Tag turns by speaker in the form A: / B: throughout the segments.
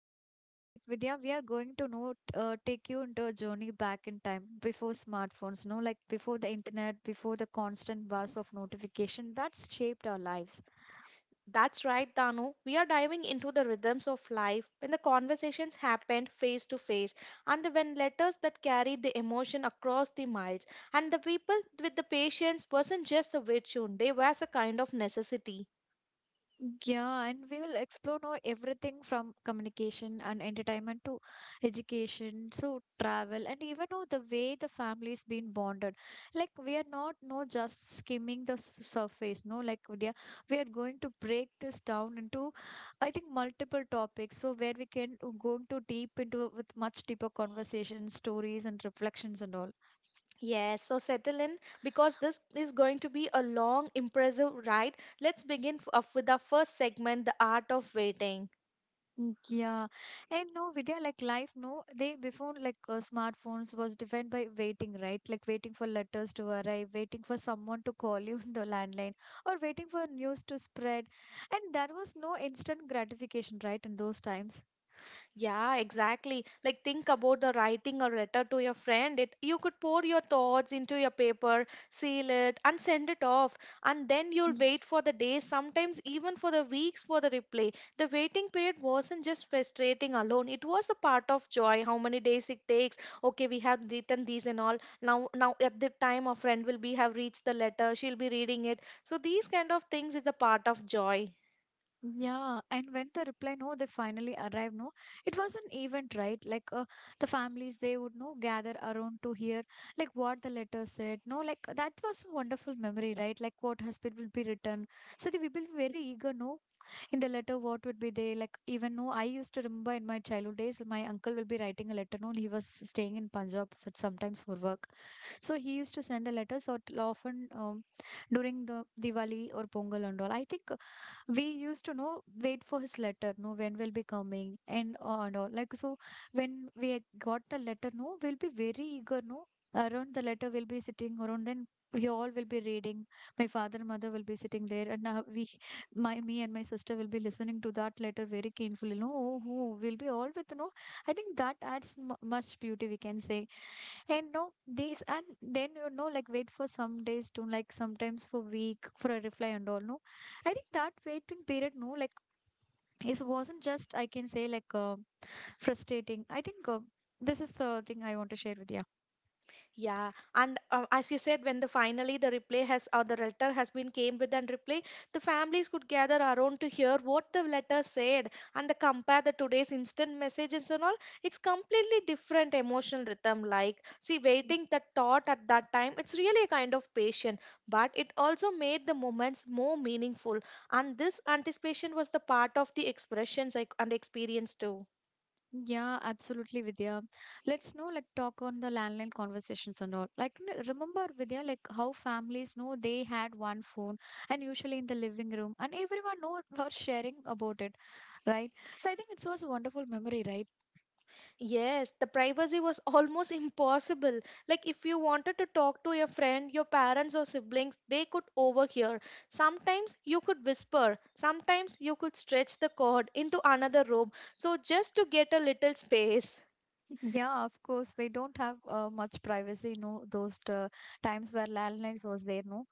A: You got to know. Like Vidya, we are going to know take you into a journey back in time before smartphones, no, like before the internet, before the constant buzz of notification that's shaped our lives.
B: That's right, Danu. We are diving into the rhythms of life when the conversations happened face to face and the when letters that carried the emotion across the miles and the people with the patience wasn't just a virtue, they was a kind of necessity.
A: Yeah, and we will explore now everything from communication and entertainment to education, so travel, and even now the way the family's been bonded. Like we are not no just skimming the surface, no, like we are going to break this down into, I think, multiple topics. So where we can go into deep into with much deeper conversations, stories, and reflections and all.
B: Yes, so settle in because this is going to be a long, impressive ride. Let's begin off with our first segment, the art of waiting.
A: Mm, yeah, and no, Vidya, like life, no, they before like smartphones was defined by waiting, right? Like waiting for letters to arrive, waiting for someone to call you in the landline, or waiting for news to spread. And there was no instant gratification, right, in those times.
B: Yeah, exactly. Like think about the writing a letter to your friend. It you could pour your thoughts into your paper, seal it, and send it off. And then you'll wait for the days, sometimes even for the weeks for the reply. The waiting period wasn't just frustrating alone. It was a part of joy. How many days it takes. Okay, we have written these and all. Now at the time our friend will be have reached the letter, she'll be reading it. So these kind of things is the part of joy.
A: Yeah, and when the reply no, they finally arrived. No, it was an event, right? Like the families they would no gather around to hear like what the letter said. No, like that was a wonderful memory, right? Like what husband will be written. So they will be very eager, no, in the letter what would be there. Like even no, I used to remember in my childhood days, my uncle will be writing a letter. No, he was staying in Punjab sometimes for work. So he used to send a letter. So often during the Diwali or Pongal and all, I think we used to know wait for his letter. No, when will be coming and all and all. Like so, when we had got the letter, no, we'll be very eager. No, around the letter we'll be sitting around. Then we all will be reading. My father and mother will be sitting there, and now we my me and my sister will be listening to that letter very carefully, no, who will be all with you know. I think that adds much beauty. We can say and no, these and then you know, like wait for some days to like sometimes for week for a reply and all. No, I think that waiting period, no, like it wasn't just I can say like frustrating. I think this is the thing I want to share with you.
B: Yeah, and as you said, when the finally the replay has or the letter has been came with and replay, the families could gather around to hear what the letter said and the compare the today's instant messages and all. It's completely different emotional rhythm. Like, see, waiting the thought at that time, it's really a kind of patient, but it also made the moments more meaningful. And this anticipation was the part of the expressions like, and experience too.
A: Yeah, absolutely, Vidya. Let's know, like, talk on the landline conversations and all. Like, remember, Vidya, like how families know they had one phone and usually in the living room, and everyone know was sharing about it, right? So I think it was a wonderful memory, right?
B: Yes, the privacy was almost impossible. Like, if you wanted to talk to your friend, your parents, or siblings, they could overhear. Sometimes you could whisper, sometimes you could stretch the cord into another room. So, just to get a little space.
A: Yeah, of course. We don't have much privacy, no, those times where landlines was there, no.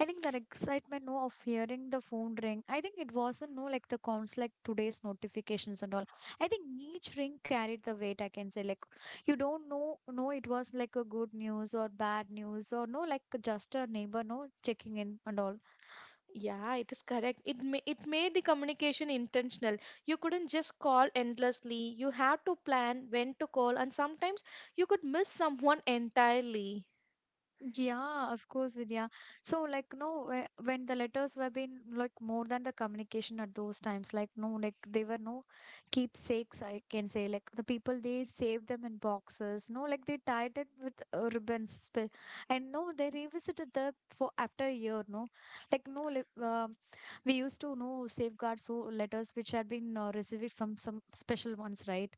A: I think that excitement, no, of hearing the phone ring. I think it wasn't, no, like the counts, like today's notifications and all. I think each ring carried the weight, I can say. Like, you don't know, no, it was like a good news or bad news or no, like just a neighbor, no, checking in and all.
B: Yeah, it is correct. It, it made the communication intentional. You couldn't just call endlessly, you had to plan when to call, and sometimes you could miss someone entirely.
A: Yeah, of course, Vidya. So, like, no, when the letters were being like more than the communication at those times, like, no, like they were no keepsakes, I can say. Like, the people they saved them in boxes, no, like they tied it with ribbons, and no, they revisited them for after a year, no, like, no, like, we used to know safeguard so letters which had been received from some special ones, right?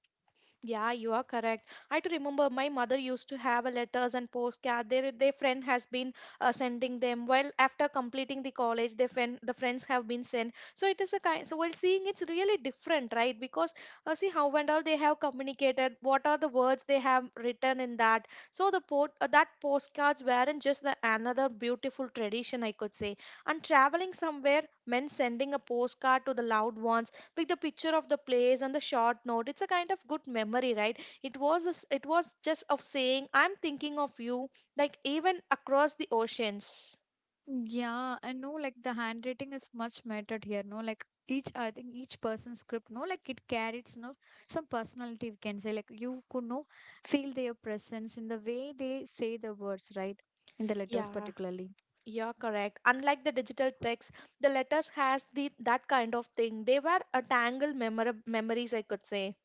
B: Yeah, you are correct. I do remember my mother used to have a letters and postcard. Their friend has been sending them. Well, after completing the college, their friend the friends have been sent. So it is a kind. So while seeing it's really different, right? Because see how and all they have communicated. What are the words they have written in that? So the port that postcards weren't just the another beautiful tradition I could say. And traveling somewhere meant sending a postcard to the loved ones with the picture of the place and the short note, it's a kind of good memory, right? It was a s, it was just of saying I'm thinking of you, like even across the oceans.
A: Yeah, I know. Like the handwriting is much mattered here, no? Like each, I think each person's script, no? Like it carries, no, some personality, we can say. Like you could, no, feel their presence in the way they say the words, right? In the letters,
B: Yeah,
A: particularly.
B: you're correct. Unlike the digital text, the letters has the that kind of thing, they were a memories, I could say.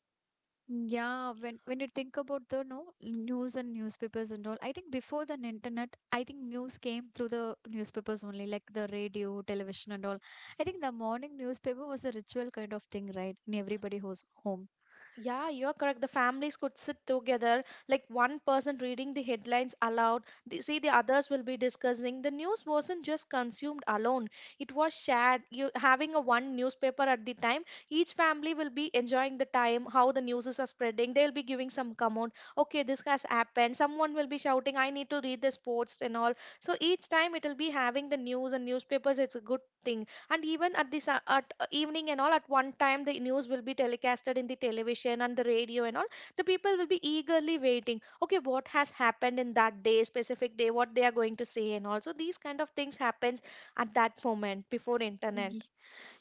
A: Yeah, when you think about the, no, news and newspapers and all, I think before the internet, I think news came through the newspapers only, like the radio, television and all. I think the morning newspaper was a ritual kind of thing, right? In everybody's home.
B: Yeah, you're correct. The families could sit together, like one person reading the headlines aloud. They see the others will be discussing. The news wasn't just consumed alone, it was shared. You having a one newspaper at the time, each family will be enjoying the time, how the news is spreading. They'll be giving some comment. Okay, this has happened. Someone will be shouting, I need to read the sports and all. So each time it'll be having the news and newspapers, it's a good thing. And even at this at evening and all, at one time the news will be telecasted in the television and the radio and all, the people will be eagerly waiting, okay, what has happened in that day, specific day, what they are going to say, and also these kind of things happens at that moment before internet.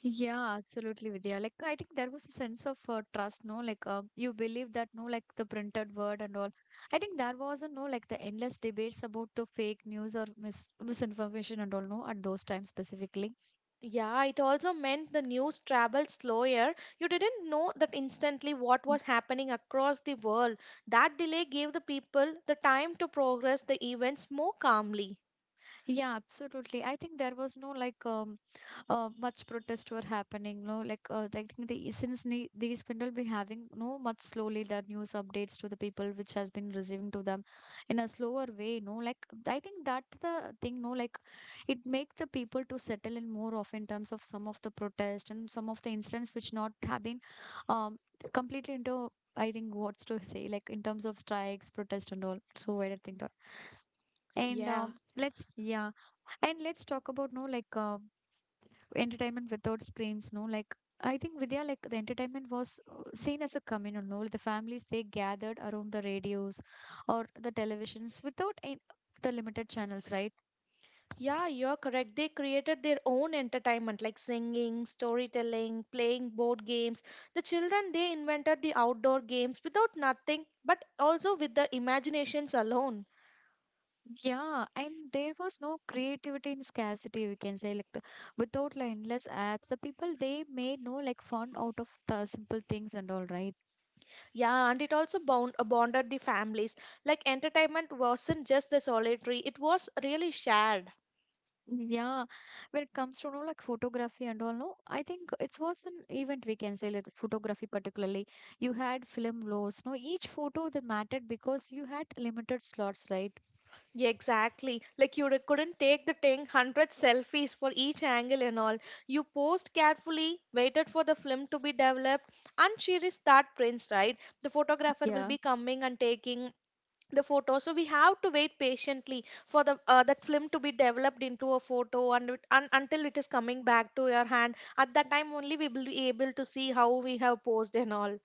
A: Yeah, absolutely, Vidya. Like, I think there was a sense of trust, no? Like, you believe that, no, like the printed word and all. I think there wasn't, no, like the endless debates about the fake news or misinformation and all, no, at those times specifically.
B: Yeah, it also meant the news traveled slower. You didn't know that instantly what
A: Mm.
B: was happening across the world. That delay gave the people the time to progress the events more calmly.
A: Yeah, absolutely. I think there was no, like, much protests were happening no like like the since these people be having no much slowly the news updates to the people which has been receiving to them in a slower way no like I think that the thing no like it make the people to settle in more of in terms of some of the protest and some of the incidents which not have been um completely into I think what's to say like in terms of strikes protest and all so I don't think that and
B: Yeah.
A: let's yeah and let's talk about no like entertainment without screens no like I think Vidya like the entertainment was seen as a communal no the families they gathered around the radios or the televisions without the limited channels right.
B: Yeah, you're correct. They created their own entertainment like singing, storytelling, playing board games. The children, they invented the outdoor games without nothing, but also with their imaginations alone.
A: Yeah, and there was no creativity in scarcity we can say like the, without the endless apps the people they made no like fun out of the simple things and all right.
B: Yeah, and it also bonded the families. Like entertainment wasn't just the solitary, it was really shared.
A: Yeah, when it comes to, you know, like photography and all, no, I think it was an event we can say, like photography particularly. You had film laws, no, each photo they mattered because you had limited slots, right?
B: Yeah, exactly. Like you couldn't take the thing, hundred selfies for each angle and all. You posed carefully, waited for the film to be developed, and she is that prince, right? The photographer will
A: Yeah.
B: be coming and taking the photo. So we have to wait patiently for the that film to be developed into a photo, and until it is coming back to your hand. At that time only we will be able to see how we have posed and all.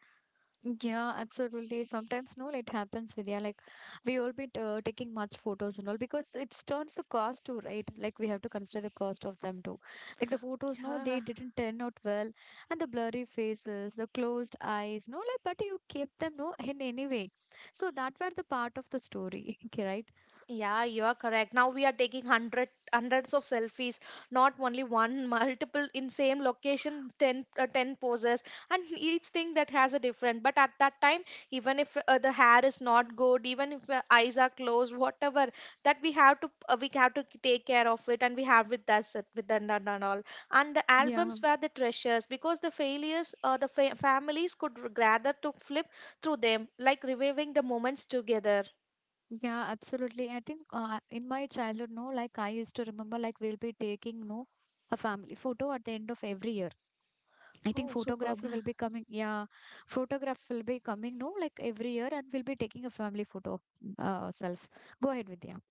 A: Yeah, absolutely. Sometimes, no, it happens with yeah, like we all be taking much photos and all because it turns the cost too, right? Like we have to consider the cost of them too. Like the photos, no,
B: Yeah.
A: they didn't turn out well, and the blurry faces, the closed eyes, no, like but you kept them no in any way. So that were the part of the story, okay, right?
B: Yeah, you are correct. Now we are taking hundreds of selfies, not only one, multiple in same location, 10, 10 poses, and each thing that has a different. But at that time, even if the hair is not good, even if the eyes are closed, whatever that we have to take care of it, and we have with us with the and all. And the
A: Yeah.
B: albums were the treasures because the failures, families could gather to flip through them, like reviving the moments together.
A: Yeah, absolutely. I think in my childhood, no, like I used to remember, like we'll be taking no a family photo at the end of every year. I think
B: Oh, superb.
A: photographer will be coming. Yeah, photograph will be coming. No, like every year, and we'll be taking a family photo of self. Go ahead, Vidya.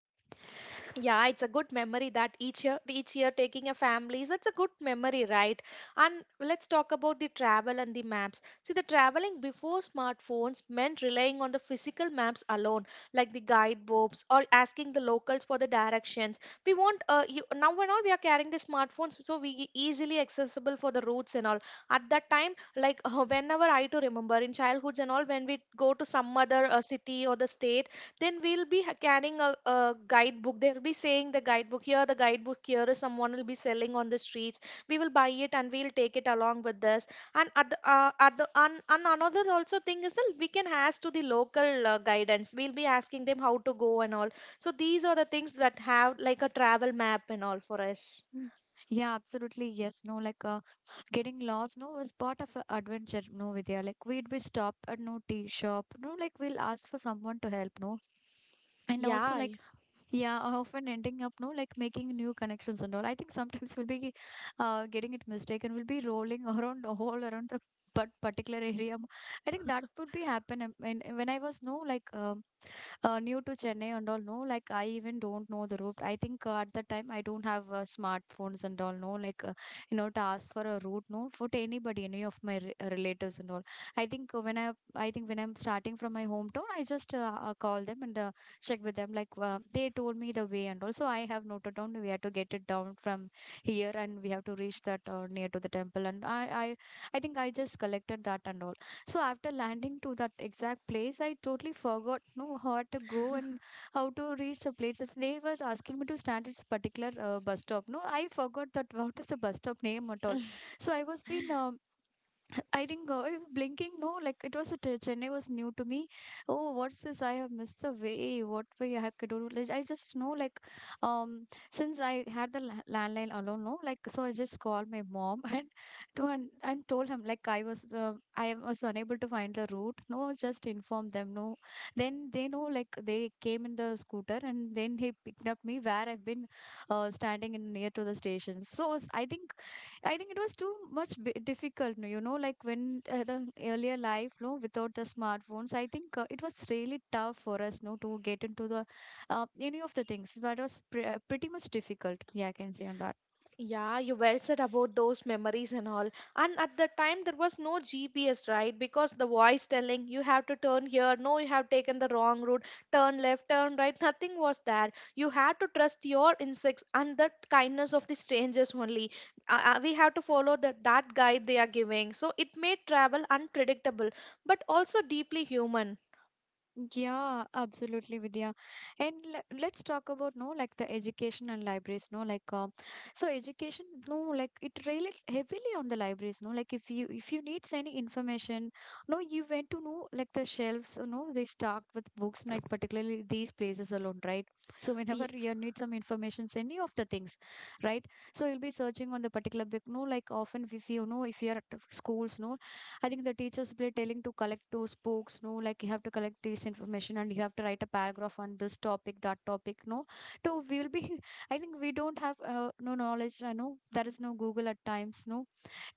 B: Yeah, it's a good memory that each year taking a family. So it's a good memory, right? And let's talk about the travel and the maps. See, the traveling before smartphones meant relying on the physical maps alone, like the guidebooks or asking the locals for the directions. Now and all we are carrying the smartphones, so we easily accessible for the routes and all. At that time, like whenever I to remember in childhoods and all, when we go to some other city or the state, then we'll be carrying a guidebook. They'll be saying the guidebook here, the guidebook here is someone will be selling on the streets. We will buy it and we'll take it along with us. And another also thing is that we can ask to the local guidance, we'll be asking them how to go and all. So these are the things that have like a travel map and all for us.
A: Mm. Yeah, absolutely. Yes, no, like getting lost, no, was part of a adventure. No, Vidya, like we'd be stopped at no tea shop. No, like we'll ask for someone to help. No, and also
B: Yeah.
A: like. Yeah, I often ending up no like making new connections and all. I think sometimes we'll be getting it mistaken. We'll be rolling around all around the but particular area. I think that would be happen and when I was no like new to Chennai and all, no, like I even don't know the route. I think at that time I don't have smartphones and all, no, like you know to ask for a route, no, for to anybody, any of my relatives and all. I think when I think when I'm starting from my hometown, I just call them and check with them. Like they told me the way and also I have noted down we have to get it down from here and we have to reach that near to the temple and I I think I just collected that and all. So after landing to that exact place, I totally forgot no how to go and how to reach the place. If they were asking me to stand at this particular bus stop, no, I forgot that what is the bus stop name at all. So I was been I think if blinking, no, like it was a Chennai was new to me. Oh, what's this? I have missed the way. What way I have to do? Like, I just know like, um, since I had the landline alone, no, like so I just called my mom and to and told him like I was unable to find the route. No, just inform them. No, then they know like they came in the scooter and then he picked up me where I've been, standing in near to the station. I think it was too much difficult, no, you know, like when the earlier life, no, without the smartphones, I think it was really tough for us, no, to get into the any of the things. So that was pretty much difficult. Yeah, I can say on that.
B: Yeah, you well said about those memories and all. And at the time, there was no GPS, right? Because the voice telling you have to turn here, no, you have taken the wrong route, turn left, turn right, nothing was there. You had to trust your instincts and the kindness of the strangers only. We have to follow the, that guide they are giving. So it made travel unpredictable, but also deeply human.
A: Yeah, absolutely, Vidya. And let's talk about, no, like, the education and libraries, no, like, so education, no, like, it really heavily on the libraries, no, like, if you need any information, no, you went to know, like, the shelves, you know, they stocked with books, like, particularly these places alone, right? So whenever you need some information, any of the things, right? So you'll be searching on the particular book, no, like, often, if you know, if you're at schools, no, I think the teachers were telling to collect those books, no, like, you have to collect this information and you have to write a paragraph on this topic, that topic, no. So we will be, I think we don't have no knowledge, I know there is no Google at times, no,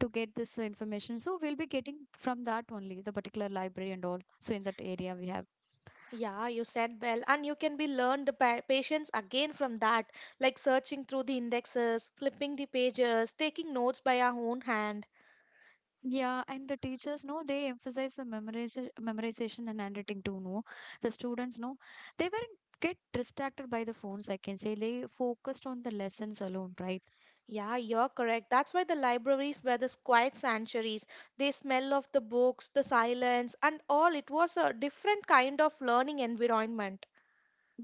A: to get this information. So we'll be getting from that only, the particular library and all. So in that area we have.
B: Yeah, you said well, and you can be learned the patience again from that, like searching through the indexes, flipping the pages, taking notes by our own hand.
A: Yeah, and the teachers know they emphasize the memorization, memorization and handwriting too. No, the students know they weren't get distracted by the phones. I can say they focused on the lessons alone, right?
B: Yeah, you're correct. That's why the libraries were the quiet sanctuaries. They smell of the books, the silence, and all. It was a different kind of learning environment.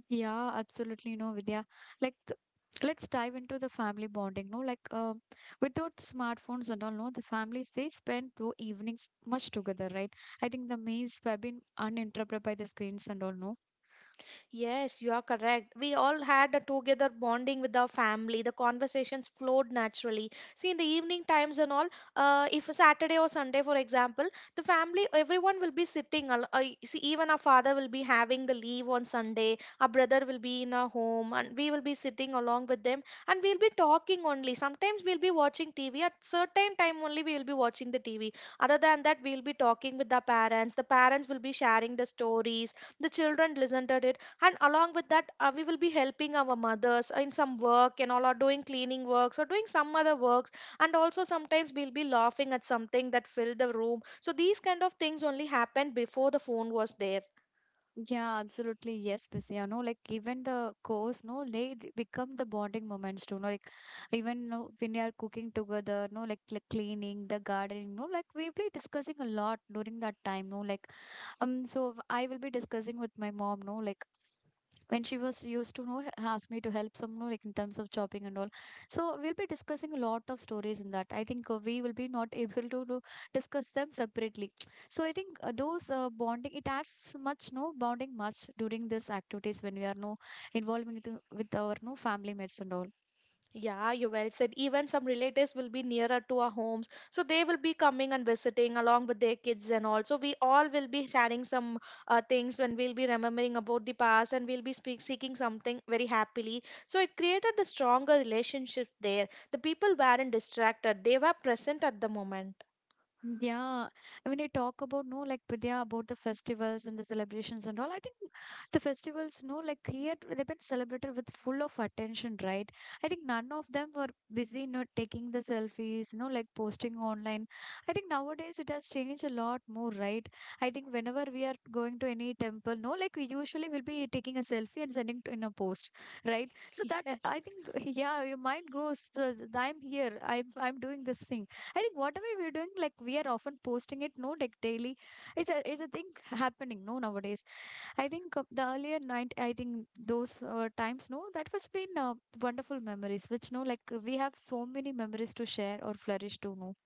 A: Yeah, absolutely. No, Vidya, like, let's dive into the family bonding. No, like, without smartphones and all, no, the families they spend the evenings much together, right? I think the meals have been uninterrupted by the screens and all. No,
B: Yes, you are correct. We all had a together bonding with our family. The conversations flowed naturally. See, in the evening times and all, if a Saturday or Sunday, for example, the family, everyone will be sitting. See, even our father will be having the leave on Sunday. Our brother will be in our home, and we will be sitting along with them, and we'll be talking only. Sometimes we'll be watching TV. At certain time only, we will be watching the TV. Other than that, we'll be talking with our parents. The parents will be sharing the stories, the children listened to it. And along with that, we will be helping our mothers in some work and all, are doing cleaning works or doing some other works. And also sometimes we'll be laughing at something that filled the room. So these kind of things only happened before the phone was there.
A: yeah, absolutely. Yes, Prissy. You know, like, even the course, no, they become the bonding moments too. No, like, even no, when we are cooking together, no, like cleaning the gardening, no, like, we'll be discussing a lot during that time. No, like, so I will be discussing with my mom. No, like, when she was used to know asked me to help some, you know, like, in terms of chopping and all, so we'll be discussing a lot of stories in that. I think we will be not able to, discuss them separately. So I think those bonding it adds much, no, bonding much during these activities when we are no involving with our no family mates and all.
B: Yeah, you well said. Even some relatives will be nearer to our homes. So they will be coming and visiting along with their kids and all. So we all will be sharing some things when we'll be remembering about the past and we'll be speak, seeking something very happily. So it created the stronger relationship there. The people weren't distracted, they were present at the moment.
A: Yeah, I mean, you talk about, no, like, Vidya, about the festivals and the celebrations and all, I think the festivals, no, like, here they've been celebrated with full of attention, right? I think none of them were busy, not taking the selfies, no, like, posting online. I think nowadays it has changed a lot more, right? I think whenever we are going to any temple, no, like, we usually will be taking a selfie and sending to in a post, right? So that
B: Yes.
A: I think, yeah, your mind goes, I'm here, I'm doing this thing." I think whatever we're doing, like, we are often posting it, no, like, daily. It's a thing happening, no, nowadays. I think the earlier night, I think those times, no, that was been wonderful memories. Which no, like, we have so many memories to share or flourish to, no.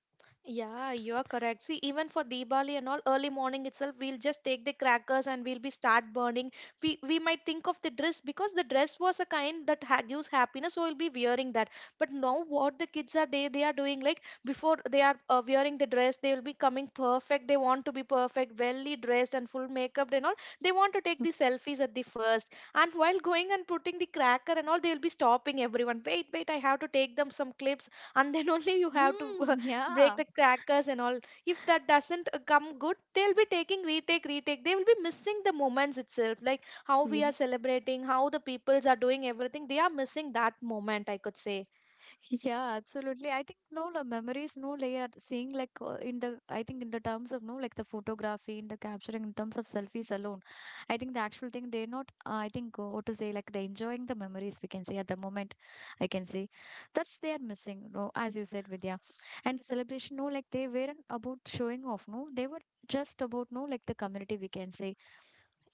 B: Yeah, you are correct. See, even for Diwali and all, early morning itself, we'll just take the crackers and we'll be start burning. We might think of the dress because the dress was a kind that ha gives happiness, so we'll be wearing that. But now what the kids are, they are doing like before they are wearing the dress, they will be coming perfect. They want to be perfect, welly dressed and full makeup and all. They want to take the selfies at the first, and while going and putting the cracker and all, they will be stopping everyone. Wait, wait, I have to take them some clips, and then only you have
A: Mm,
B: to break
A: yeah.
B: the crackers and all. If that doesn't come good, they'll be taking retake, they will be missing the moments itself, like how
A: Yeah.
B: we are celebrating, how the peoples are doing everything. They are missing that moment, I could say.
A: Yeah, absolutely. I think no, the memories, no, they are seeing like, in the, I think, in the terms of no, like, the photography, in the capturing, in terms of selfies alone. I think the actual thing they're not, I think, what to say, like, they're enjoying the memories we can say at the moment. I can say that's they are missing, no, as you said, Vidya. And the celebration, no, like, they weren't about showing off, no, they were just about, no, like, the community we can say.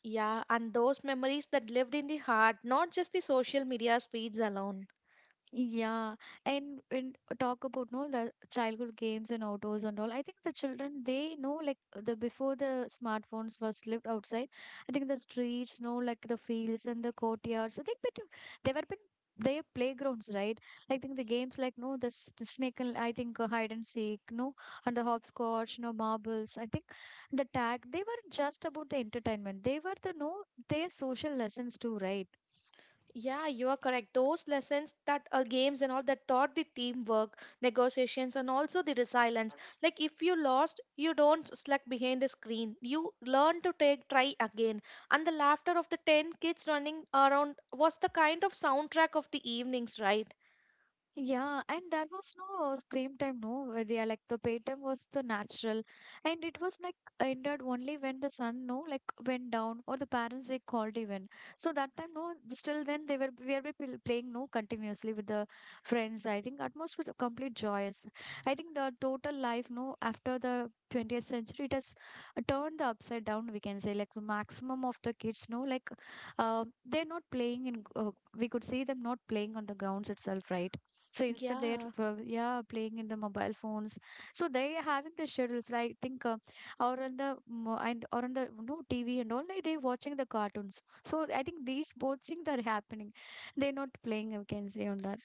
B: Yeah, and those memories that lived in the heart, not just the social media feeds alone.
A: Yeah, and talk about no the childhood games and outdoors and all. I think the children they know like, the before the smartphones was lived outside. I think the streets, no, like, the fields and the courtyards. So think bit they were been their playgrounds, right? I think the games like, no, the the snake, and I think hide and seek, no, and the hopscotch, no, marbles. I think the tag they weren't just about the entertainment. They were the no their social lessons too, right?
B: Yeah, you are correct. Those lessons that games and all that taught the teamwork, negotiations, and also the resilience. Like if you lost, you don't slack behind the screen. You learn to take, try again. And the laughter of the 10 kids running around was the kind of soundtrack of the evenings, right?
A: Yeah, and there was no scream time, no. Yeah, like, the paytime was the natural, and it was like ended only when the sun, no, like, went down or the parents they called even. So that time, no, still then they were, we were playing no continuously with the friends. I think atmosphere was complete joyous. I think the total life, no, after the 20th century, it has turned the upside down. We can say like, the maximum of the kids, no, like, they're not playing in. We could see them not playing on the grounds itself, right? So instead they're
B: Yeah.
A: yeah, playing in the mobile phones, so they having the schedules like, think, or on the mo- and or on the no TV and all, like, they watching the cartoons. So I think these both things are happening, they're not playing, I can say on that.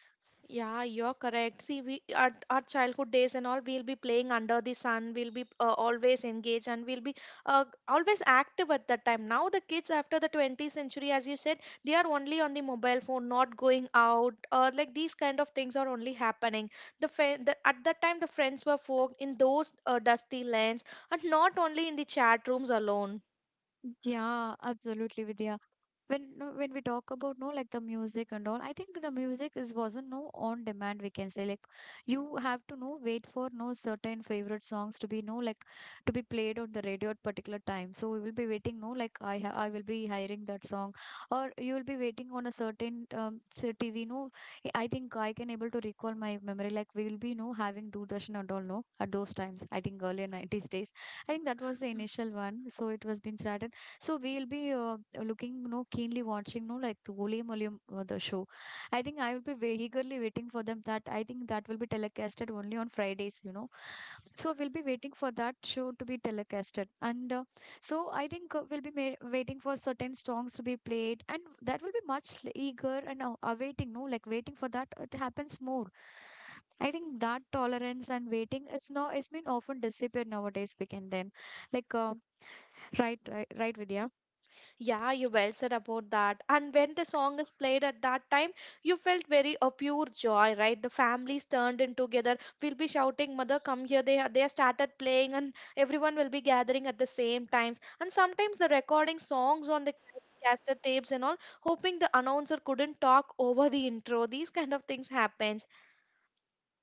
B: Yeah, you're correct. See, we our childhood days and all, we'll be playing under the sun. We'll be always engaged, and we'll be always active at that time. Now the kids after the 20th century, as you said, they are only on the mobile phone, not going out. Like these kind of things are only happening. The at that time the friends were formed in those dusty lanes, and not only in the chat rooms alone.
A: Yeah, absolutely, Vidya. When no, when we talk about no, like, the music and all, I think the music is wasn't no on demand, we can say like, you have to no wait for no certain favorite songs to be, no, like, to be played on the radio at particular time. So we will be waiting, no, like, I will be hiring that song, or you will be waiting on a certain, say, TV, no. I think I can able to recall my memory, like, we will be no having Doordarshan and all, no, at those times. I think earlier 90s days, I think that was the initial one, so it was being started. So we'll be looking, no, keenly watching, no, like, Ole Muliam, the show. I think I will be very eagerly waiting for them. That I think that will be telecasted only on Fridays, you know. So we'll be waiting for that show to be telecasted, and so I think we'll be waiting for certain songs to be played, and that will be much eager and awaiting, no, like, waiting for that. It happens more. I think that tolerance and waiting is now it's been often disappeared nowadays. We can then, like, right, right, right, Vidya.
B: Yeah, you well said about that. And when the song is played at that time, you felt very a pure joy, right? The families turned in together. We'll be shouting, "Mother, come here!" They have started playing, and everyone will be gathering at the same times. And sometimes the recording songs on the caster tapes and all, hoping the announcer couldn't talk over the intro. These kind of things happens.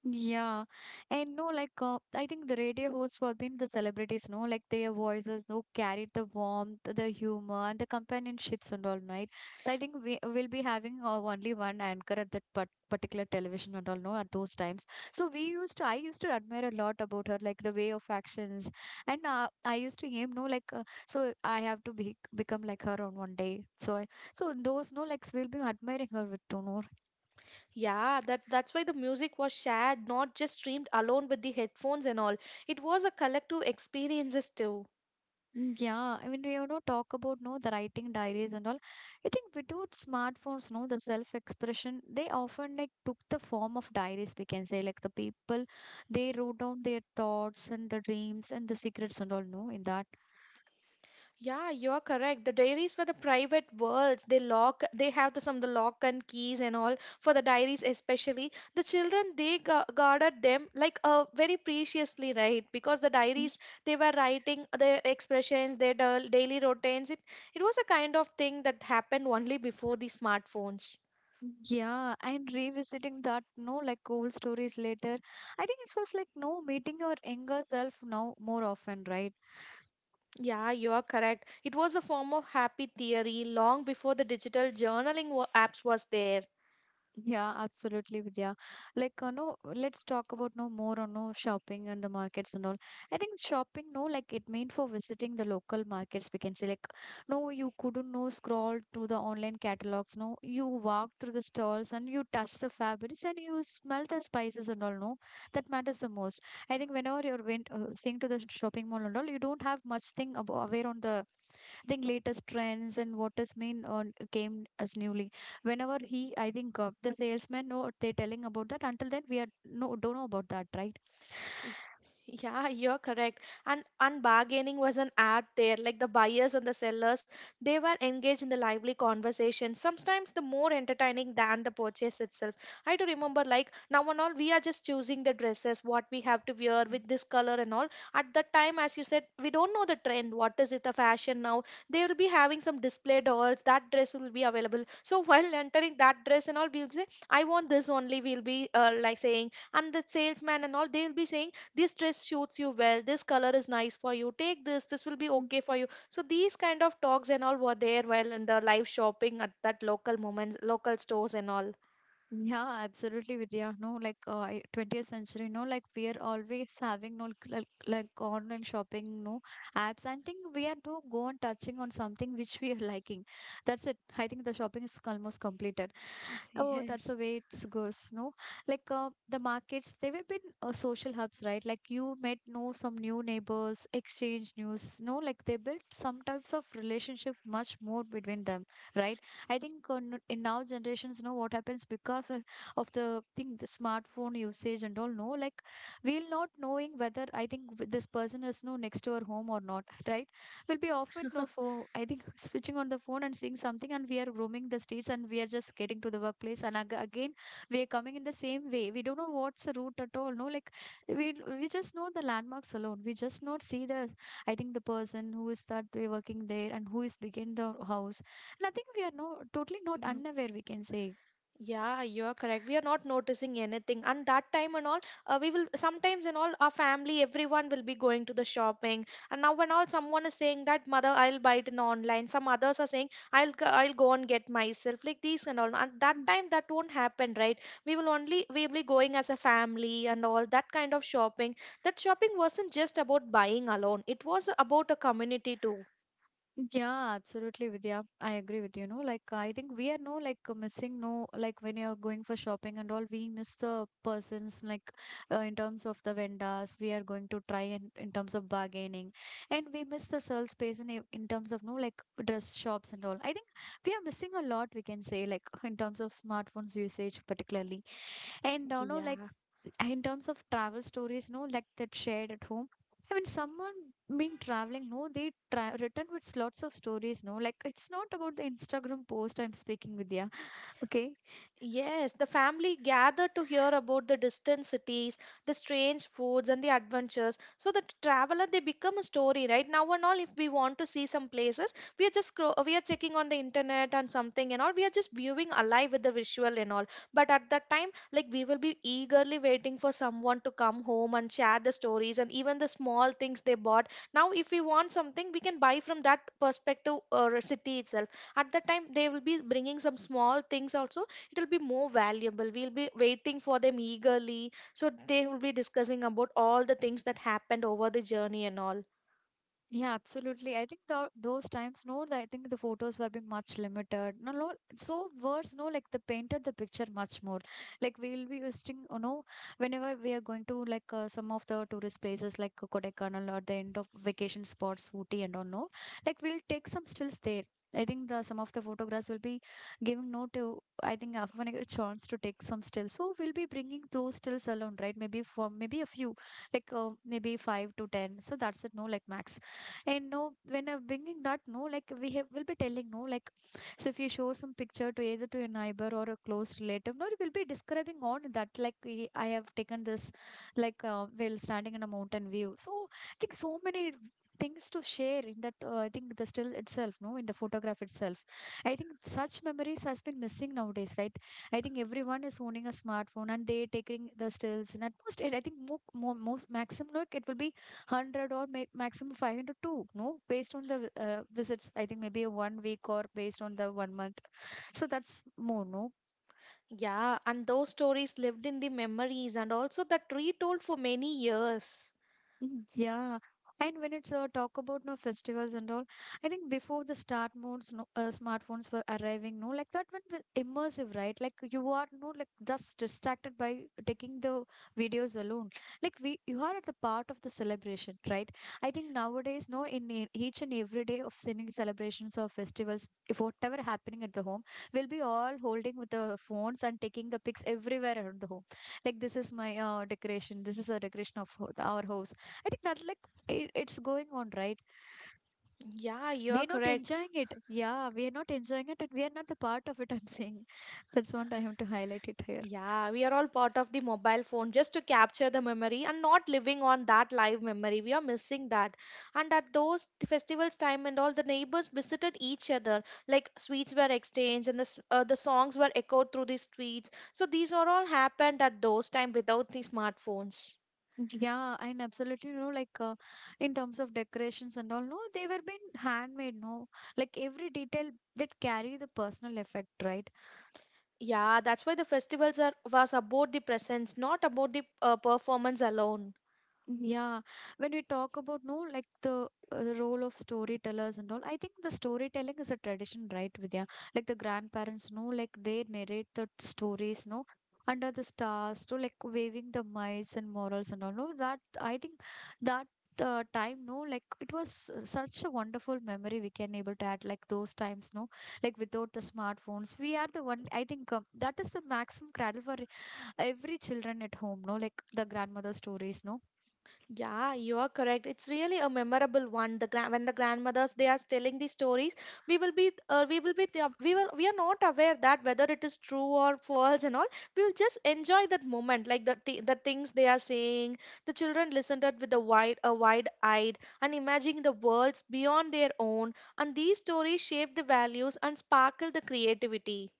A: Yeah, and no, like, I think the radio hosts were been the celebrities, no, like, their voices, no, carried the warmth, the humor, and the companionships and all, right? So I think we will be having only one anchor at that particular television and all, no, at those times. So we used to, I used to admire a lot about her, like, the way of actions, and I used to aim, no, like, so I have to be become like her on one day. So I, so those, no, like, we'll be admiring her with, no, know,
B: Yeah, that's why the music was shared, not just streamed alone with the headphones and all. It was a collective experiences too.
A: yeah, I mean, you know, talk about no the writing diaries and all. I think without smartphones, no, the self-expression, they often like took the form of diaries, we can say. Like, the people, they wrote down their thoughts and the dreams and the secrets and all, no, in that.
B: Yeah, you are correct. The diaries were the private worlds. They lock, they have the, some the lock and keys and all for the diaries, especially the children. They guarded them like very preciously, right? Because the
A: Mm,
B: diaries they were writing their expressions, their daily routines. It was a kind of thing that happened only before the smartphones.
A: yeah, and revisiting that, no, like, old stories later. I think it was like no meeting your younger self now more often, right?
B: Yeah, you are correct. It was a form of happy theory long before the digital journaling apps was there.
A: Yeah, absolutely, Vidya. Like, no, let's talk about no more on no shopping and the markets and all. I think shopping, no, like, it meant for visiting the local markets. We can say, like, no, you couldn't no scroll through the online catalogs. No, you walk through the stalls and you touch the fabrics and you smell the spices and all. No, that matters the most. I think whenever you're went seeing to the shopping mall and all, you don't have much thing aware on the I think latest trends and what is mean on came as newly whenever he I think the salesman know what they're telling about that until then we are no don't know about that, right?
B: Y- Yeah, you're correct. And bargaining was an art there. Like the buyers and the sellers, they were engaged in the lively conversation. Sometimes the more entertaining than the purchase itself. I do remember, like now and all, we are just choosing the dresses, what we have to wear with this color and all. At that time, as you said, we don't know the trend. What is it, the fashion now? They will be having some display dolls. That dress will be available. So while entering that dress and all, we'll say, I want this only. We'll be like saying, and the salesman and all, they'll be saying this dress suits you well, this color is nice for you, take this, this will be okay for you. So these kind of talks and all were there while in the live shopping at that local moments, local stores and all.
A: Yeah, absolutely, Vidya. No, like, I- 20th century, no, like, we are always having no like, like online shopping, no, apps. I think we are to go on touching on something which we are liking. That's it. I think the shopping is almost completed. Oh, that's
B: Yes.
A: the way it goes. No, like the markets, they will be social hubs, right? Like, you met know some new neighbors, exchange news. No, like, they built some types of relationship much more between them, right? I think on, in now generations, know what happens because of the thing, the smartphone usage and all. No, like we'll not knowing whether I think this person is no next to our home or not, right? We'll be often no for I think switching on the phone and seeing something, and we are roaming the streets and we are just getting to the workplace, and again we are coming in the same way. We don't know what's the route at all. No, like we just know the landmarks alone. We just not see the I think the person who is that way working there and who is behind the house and I think we are no totally not unaware, we can say.
B: Yeah, you're correct. We are not noticing anything. And that time and all, we will sometimes and all, our family, everyone will be going to the shopping. And now, when all someone is saying that, mother, I'll buy it in online. Some others are saying, I'll go and get myself, like these and all. And that
A: Mm,
B: time, that won't happen, right? We will only, we will be going as a family and all that kind of shopping. That shopping wasn't just about buying alone, it was about a community too.
A: yeah, absolutely, Vidya. I agree with you. No, like I think we are no like missing no like when you're going for shopping and all, we miss the persons like in terms of the vendors we are going to try and in terms of bargaining, and we miss the sales space in in terms of no like dress shops and all. I think we are missing a lot. We can say like in terms of smartphones usage particularly, and no like
B: Yeah.
A: in terms of travel stories, no, like that shared at home. I mean, someone been traveling, no, they written with lots of stories, no, like it's not about the Instagram post I'm speaking with, yeah, okay.
B: Yes, the family gathered to hear about the distant cities, the strange foods, and the adventures. So the traveler they become a story, right? Now and all, if we want to see some places, we are checking on the internet and something and all. We are just viewing alive with the visual and all. But at that time, like we will be eagerly waiting for someone to come home and share the stories and even the small things they bought. Now, if we want something, we can buy from that perspective or city itself. At that time, they will be bringing some small things also. It'll be more valuable, we'll be waiting for them eagerly, so they will be discussing about all the things that happened over the journey and all.
A: Yeah, absolutely. I think those times, no, I think the photos were being much limited. No, no, so worse, no, like they painted the picture much more. Like we'll be using, you know, whenever we are going to like some of the tourist places like Kodaikanal or the end of vacation spots, Ooty and all, no, like we'll take some stills there. I think the some of the photographs will be giving no to. I think after when I get a chance to take some stills, so we'll be bringing those stills along, right? Maybe for maybe a few, like maybe five to ten. So that's it, no, like max and no, when I'm bringing that, no, like we have, will be telling, no, like, so if you show some picture to either to a neighbor or a close relative, no, you will be describing on that, like, we, I have taken this, like, while standing in a mountain view. So I think so many things to share in that, I think the still itself, no, in the photograph itself. I think such memories has been missing nowadays, right? I think everyone is owning a smartphone and they taking the stills and at most I think more, more most maximum look it will be 100 or maximum 500 too no based on the visits I think maybe a 1 week or based on the 1 month so that's more no.
B: Yeah, and those stories lived in the memories and also that retold for many years.
A: Mm, yeah. And when it's talk about no festivals and all, I think before the start modes, no, smartphones were arriving, no, like that went with immersive, right? Like you are no, like just distracted by taking the videos alone. Like we, you are at the part of the celebration, right? I think nowadays, no, in each and every day of singing celebrations or festivals, if whatever happening at the home, we'll be all holding with the phones and taking the pics everywhere around the home like this is my decoration, this is a decoration of our house. I think that like it's going on, right?
B: Yeah, you're
A: We're not
B: correct.
A: enjoying it. Yeah, we are not enjoying it, and we are not the part of it. I'm saying that's what I have to highlight it here.
B: Yeah, we are all part of the mobile phone just to capture the memory and not living on that live memory. We are missing that. And at those festivals time and all, the neighbors visited each other. Like sweets were exchanged, and the the songs were echoed through the streets. So these are all happened at those time without the smartphones.
A: Yeah, and absolutely, you know, like in terms of decorations and all, no, they were being handmade, no, like every detail that carry the personal effect, right?
B: Yeah, that's why the festivals are was about the presence, not about the performance alone.
A: Yeah, when we talk about no, like the role of storytellers and all, I think the storytelling is a tradition, right, Vidya? Like the grandparents no, like they narrate the stories, no, under the stars, to like waving the mites and morals and all. No, that I think that time, no, like it was such a wonderful memory we can able to add, like those times, no, like without the smartphones, we are the one. I think that is the maximum cradle for every children at home, no, like the grandmother stories, no.
B: Yeah, you are correct. It's really a memorable one. The grand when the grandmothers they are telling the stories, we will be the, we will we are not aware that whether it is true or false and all. We will just enjoy that moment, like the things they are saying. The children listen to it with a wide eyed and imagining the worlds beyond their own. And these stories shape the values and sparkle the creativity.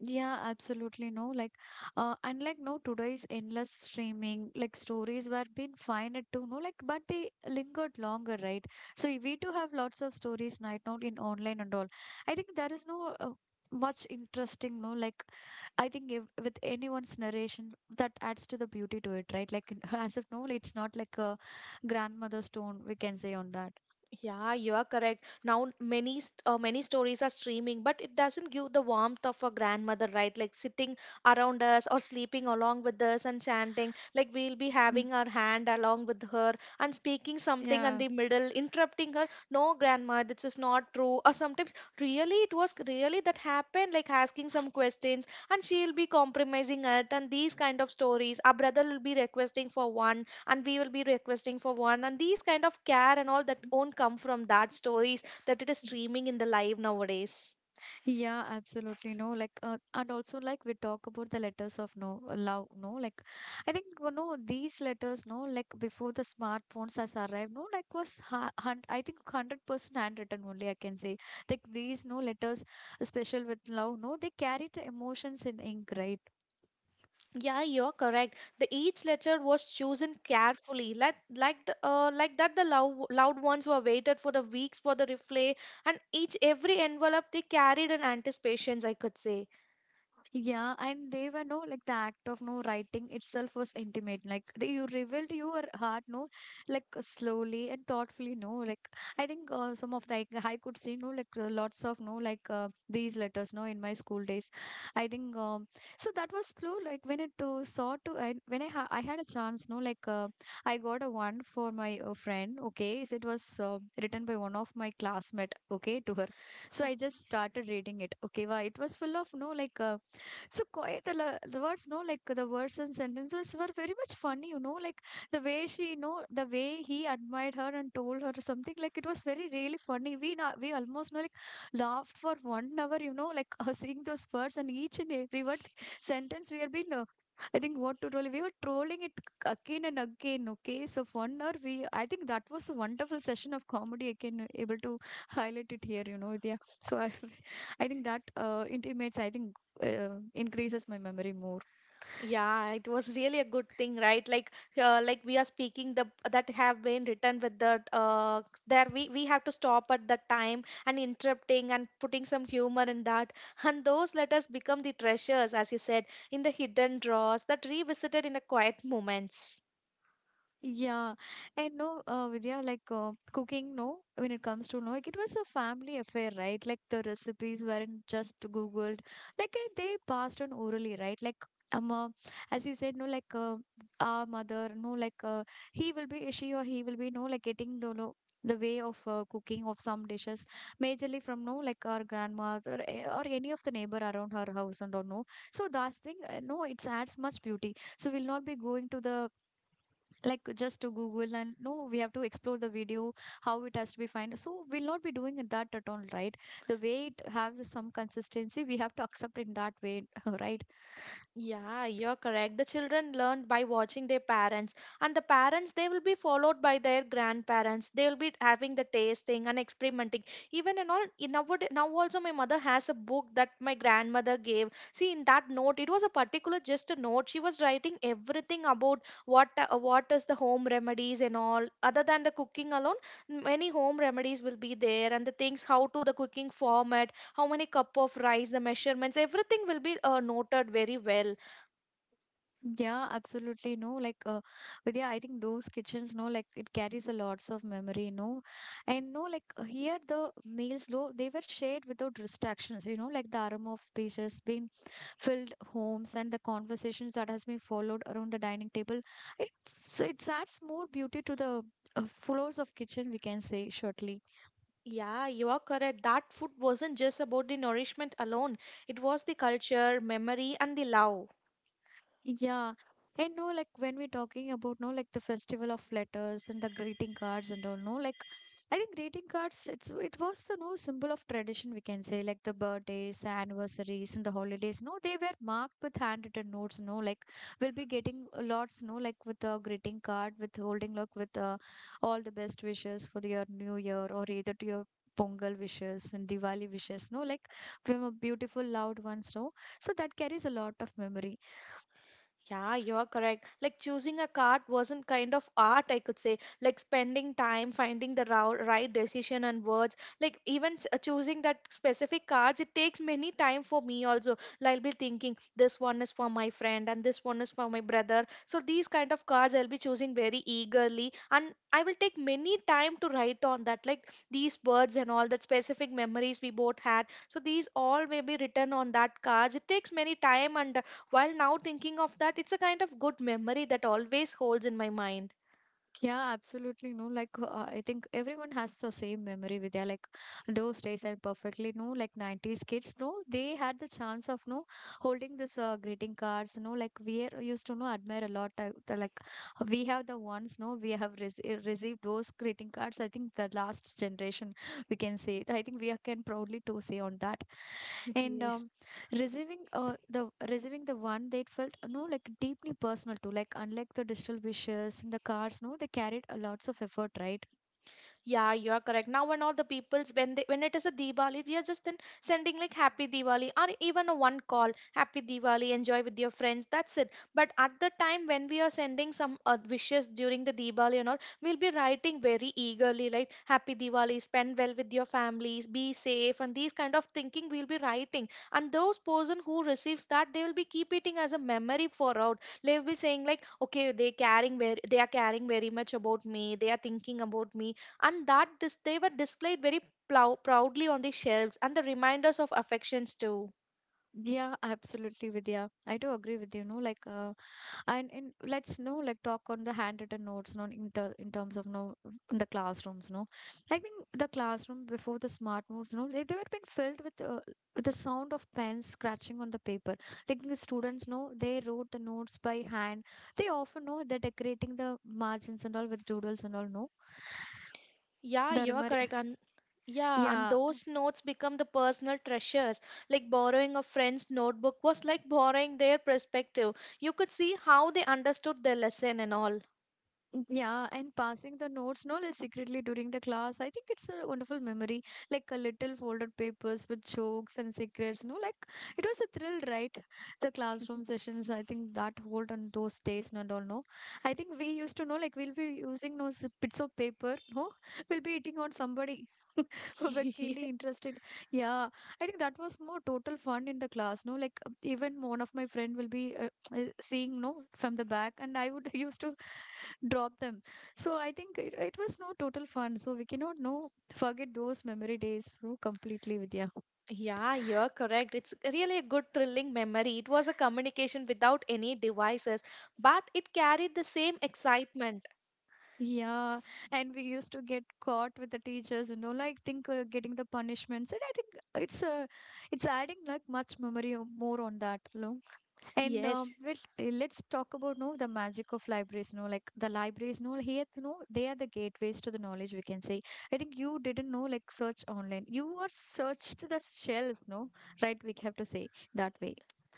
A: Yeah, absolutely no. Like, and like no today's endless streaming, like stories were being fine at two, no, like, but they lingered longer, right? So we do have lots of stories right now in online and all. I think there is no much interesting, no, like I think if, with anyone's narration that adds to the beauty to it, right? Like as if no, it's not like a grandmother's tone we can say on that.
B: Yeah, you are correct. Now many stories are streaming, but it doesn't give the warmth of a grandmother, right? Like sitting around us or sleeping along with us and chanting. Like we'll be
A: Mm,
B: having our hand along with her and speaking something in
A: yeah.
B: the middle, interrupting her. No, grandma, this is not true. Or sometimes really it was really that happened, like asking some questions, and she'll be compromising it and these kind of stories. Our brother will be requesting for one, and we will be requesting for one, and these kind of care and all that won't come from that stories that it is streaming in the live nowadays.
A: Yeah, absolutely. No, like, and also, like, we talk about the letters of no love, no, like, I think, you know, these letters, no, like, before the smartphones has arrived, no, like, was, I think, 100% handwritten only, I can say. Like, these, no, letters, special with love, no, they carry the emotions in ink, right?
B: Yeah, you're correct. The each letter was chosen carefully, like the like that the loud, loud ones were waited for the weeks for the replay, and each every envelope they carried in anticipations, I could say.
A: Yeah, and they were no like the act of no writing itself was intimate. Like they, you revealed your heart, no, like slowly and thoughtfully, no. Like I think some of the like, I could see no like lots of no like these letters, no, in my school days. I think so that was slow. Like when it saw to I, when I had a chance, no, like I got a one for my friend. Okay, so it was written by one of my classmate. Okay, to her, so I just started reading it. Okay, wow, it was full of no like. So quite the, the words, no, like the words and sentences were very much funny, you know, like the way she, you know, the way he admired her and told her something like it was very really funny. We almost know like laughed for 1 hour, you know, like seeing those words and each and every word sentence we had been. I think what to troll. We were trolling it again and again. Okay, so 1 hour we. I think that was a wonderful session of comedy. Again, able to highlight it here. You know, yeah. So I, I think that intimates. I think increases my memory more.
B: Yeah, it was really a good thing, right? Like we are speaking the that have been written with the there we have to stop at the time and interrupting and putting some humor in that. And those letters become the treasures, as you said, in the hidden drawers that revisited in the quiet moments.
A: Yeah, and no, Vidya, like cooking, no, when it comes to no, like it was a family affair, right? Like the recipes weren't just Googled, like they passed on orally, right? Like um, uh, as you said, no, like our mother, no, like he will be, she or he will be, no, like getting the no, the way of cooking of some dishes, majorly from no, like our grandmother or any of the neighbor around her house and or no. So that's thing, no, it adds much beauty. So we'll not be going to the like just to google and no we have to explore the video how it has to be find so we'll not be doing it that at all, right? The way it has is some consistency we have to accept in that way right.
B: Yeah, you're correct. The children learned by watching their parents, and the parents they will be followed by their grandparents. They will be having the tasting and experimenting. Even in all, in now, now also my mother has a book that my grandmother gave. See, in that note, it was a particular just a note. She was writing everything about what what is the home remedies and all. Other than the cooking alone, many home remedies will be there and the things how to the cooking format, how many cup of rice, the measurements, everything will be noted very well.
A: Yeah, absolutely. No, like, but yeah, I think those kitchens, no, like, it carries a lots of memory, no, and no, like, here the meals, though, they were shared without distractions, you know, like the aroma of space has been filled homes and the conversations that has been followed around the dining table. It adds more beauty to the floors of kitchen, we can say shortly.
B: Yeah, you are correct. That food wasn't just about the nourishment alone. It was the culture, memory, and the love.
A: Yeah. And no, like when we're talking about no, like the festival of letters and the greeting cards and all, no, like I think greeting cards, it was the no symbol of tradition we can say, like the birthdays, the anniversaries, and the holidays. No, they were marked with handwritten notes. No, like we'll be getting lots. No, like with a greeting card, with holding like with all the best wishes for your new year or either to your Pongal wishes and Diwali wishes. No, like from a beautiful loved ones. No, so that carries a lot of memory.
B: Yeah, you're correct. Like choosing a card wasn't kind of art, I could say. Like spending time finding the right decision and words. Like even choosing that specific cards, it takes many time for me also. Like, I'll be thinking this one is for my friend and this one is for my brother. So these kind of cards I'll be choosing very eagerly, and I will take many time to write on that. Like these words and all that specific memories we both had. So these all may be written on that cards. It takes many time, and while now thinking of that, it's a kind of good memory that always holds in my mind.
A: Yeah, absolutely. No, like I think everyone has the same memory with their like those days and perfectly no, like 90s kids. No, they had the chance of no holding this greeting cards. No, like used to no admire a lot. The, like we have the ones, no, we have received those greeting cards. I think the last generation, we can say. I think can proudly to say on that. And
B: Yes.
A: receiving the one, they felt no, like deeply personal too, like unlike the digital wishes and the cards, no, they carried a lots of effort, right?
B: Yeah, you are correct. Now, when all the people's when they when it is a Diwali, they are just then sending like Happy Diwali, or even a one call Happy Diwali, enjoy with your friends. That's it. But at the time when we are sending some wishes during the Diwali and all, we'll be writing very eagerly like Happy Diwali, spend well with your families, be safe, and these kind of thinking we'll be writing. And those person who receives that, they will be keep it as a memory for out. They'll be saying like, okay, they are caring very much about me. They are thinking about me and that they were displayed very proudly on the shelves and the reminders of affections too.
A: Yeah, absolutely, Vidya, I do agree with you, no, like and in, let's know, like talk on the handwritten notes, no, in terms of, no, in the classrooms, no, I think the classroom before the smart moves, no, they were been filled with the sound of pens scratching on the paper. Like the students know, they wrote the notes by hand. They often know, they're decorating the margins and all with doodles and all, no.
B: Yeah,
A: the
B: you are
A: remar-
B: correct. And yeah, and
A: yeah.
B: those notes become the personal treasures. Like borrowing a friend's notebook was like borrowing their perspective. You could see how they understood their lesson and all.
A: Yeah, and passing the notes, no, less secretly during the class. I think it's a wonderful memory, like a little folded papers with jokes and secrets. No, like, it was a thrill, right? The classroom sessions, I think, that hold on those days, no, do not know. I think we used to know, like we'll be using those bits of paper, no, we'll be eating on somebody who were keenly interested. Yeah, I think that was more total fun in the class. No, like even one of my friend will be seeing, no, from the back, and I would used to drop them. So I think it was no total fun, so we cannot, no, forget those memory days so completely, Vidya.
B: Yeah, you're correct. It's really a good thrilling memory. It was a communication without any devices, but it carried the same excitement.
A: Yeah, and we used to get caught with the teachers and all, like think getting the punishments. And I think it's uh, it's adding like much memory more on that, no. And
B: Yes.
A: well, let's talk about, no, the magic of libraries. No, like the libraries. No, here, no, they are the gateways to the knowledge, we can say. I think you didn't know, like, search online. You are searched the shelves, no, right? We have to say that way.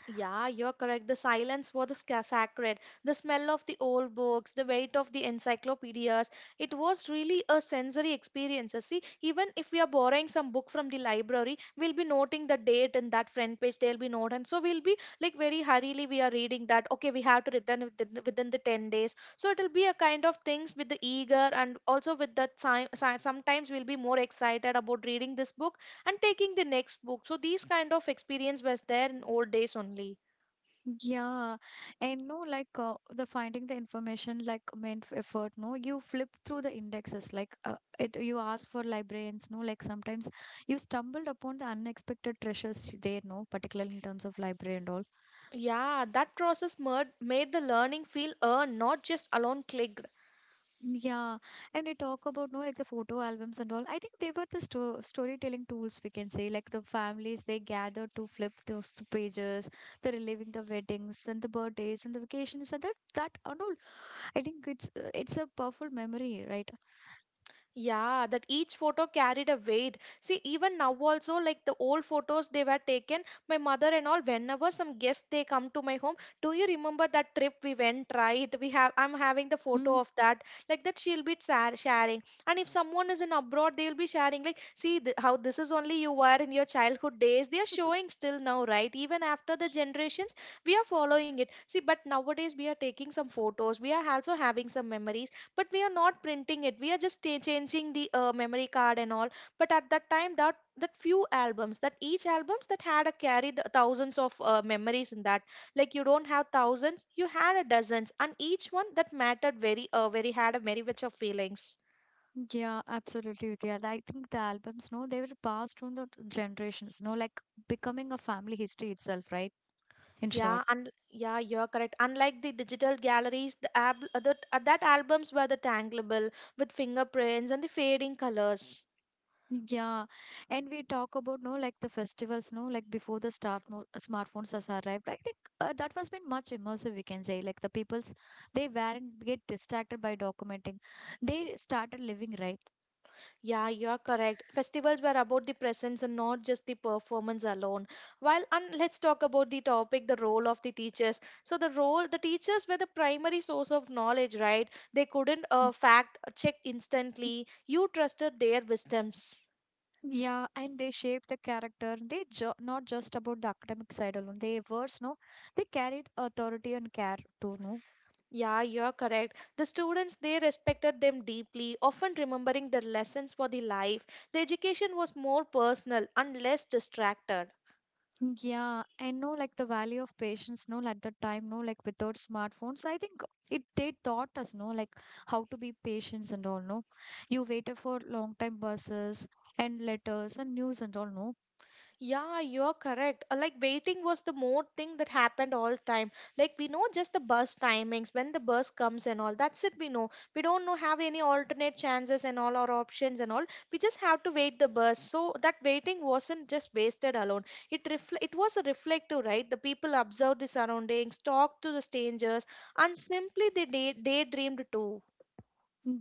B: Yeah, you're correct. The silence was the sacred. The smell of the old books, the weight of the encyclopedias, it was really a sensory experience. See, even if we are borrowing some book from the library, we'll be noting the date and that front page, there'll be note. And so we'll be like very hurriedly, we are reading that. Okay, we have to return within the 10 days. So it'll be a kind of things with the eager and also with the time. Sometimes we'll be more excited about reading this book and taking the next book, so these kind of experience was there in old days only.
A: Yeah, and no, like the finding the information, like, meant for effort. No, you flip through the indexes, like it. You ask for librarians. No, like sometimes you stumbled upon the unexpected treasures there, no, particularly in terms of library and all.
B: Yeah, that process made the learning feel earned, not just alone click.
A: Yeah, and we talk about, no, like the photo albums and all. I think they were the storytelling tools, we can say, like the families, they gathered to flip those two pages, the reliving the weddings and the birthdays and the vacations and that and all. I think it's a powerful memory, right?
B: Yeah, that each photo carried a weight. See, even now also, like the old photos they were taken, my mother and all, whenever some guests they come to my home, do you remember that trip we went, right? We have I'm having the
A: Hmm.
B: photo of that. Like that she'll be sharing. And if someone is in abroad, they'll be sharing like, see how this is only you were in your childhood days. They are showing still now, right? Even after the generations, we are following it. See, but nowadays we are taking some photos. We are also having some memories, but we are not printing it. We are just changing the memory card and all. But at that time, that few albums, that each albums that had a carried thousands of memories in that. Like you don't have thousands, you had a dozens, and each one that mattered very very had a very much of feelings.
A: Yeah, absolutely. Yeah, I think the albums, no, they were passed on the generations, no, like becoming a family history itself, right? In
B: Yeah,
A: short.
B: and yeah, you're correct. Unlike the digital galleries, the that albums were the tanglable with fingerprints and the fading colors.
A: Yeah, and we talk about, no, like the festivals, no, like before the start mo smartphones has arrived. I think that was been much immersive, we can say. Like the people's, they weren't get distracted by documenting. They started living, right.
B: Yeah, you're correct. Festivals were about the presence and not just the performance alone. While and let's talk about the topic, the role of the teachers. So the role, the teachers were the primary source of knowledge, right? They couldn't fact check instantly. You trusted their wisdoms.
A: Yeah, and they shaped the character. They ju not just about the academic side alone. They words, no, they carried authority and care too. No.
B: Yeah, you're correct. The students, they respected them deeply, often remembering their lessons for the life. The education was more personal and less distracted.
A: Yeah, I know, like the value of patience, no, at the time, no, like without smartphones, I think it they taught us, no, like how to be patient and all, no. You waited for long time buses and letters and news and all, no.
B: Yeah, you're correct. Like waiting was the more thing that happened all time. Like we know just the bus timings, when the bus comes and all. That's it we know. We don't know have any alternate chances and all our options and all. We just have to wait the bus. So that waiting wasn't just wasted alone. It was a reflective, right? The people observed the surroundings, talked to the strangers, and simply they daydreamed too.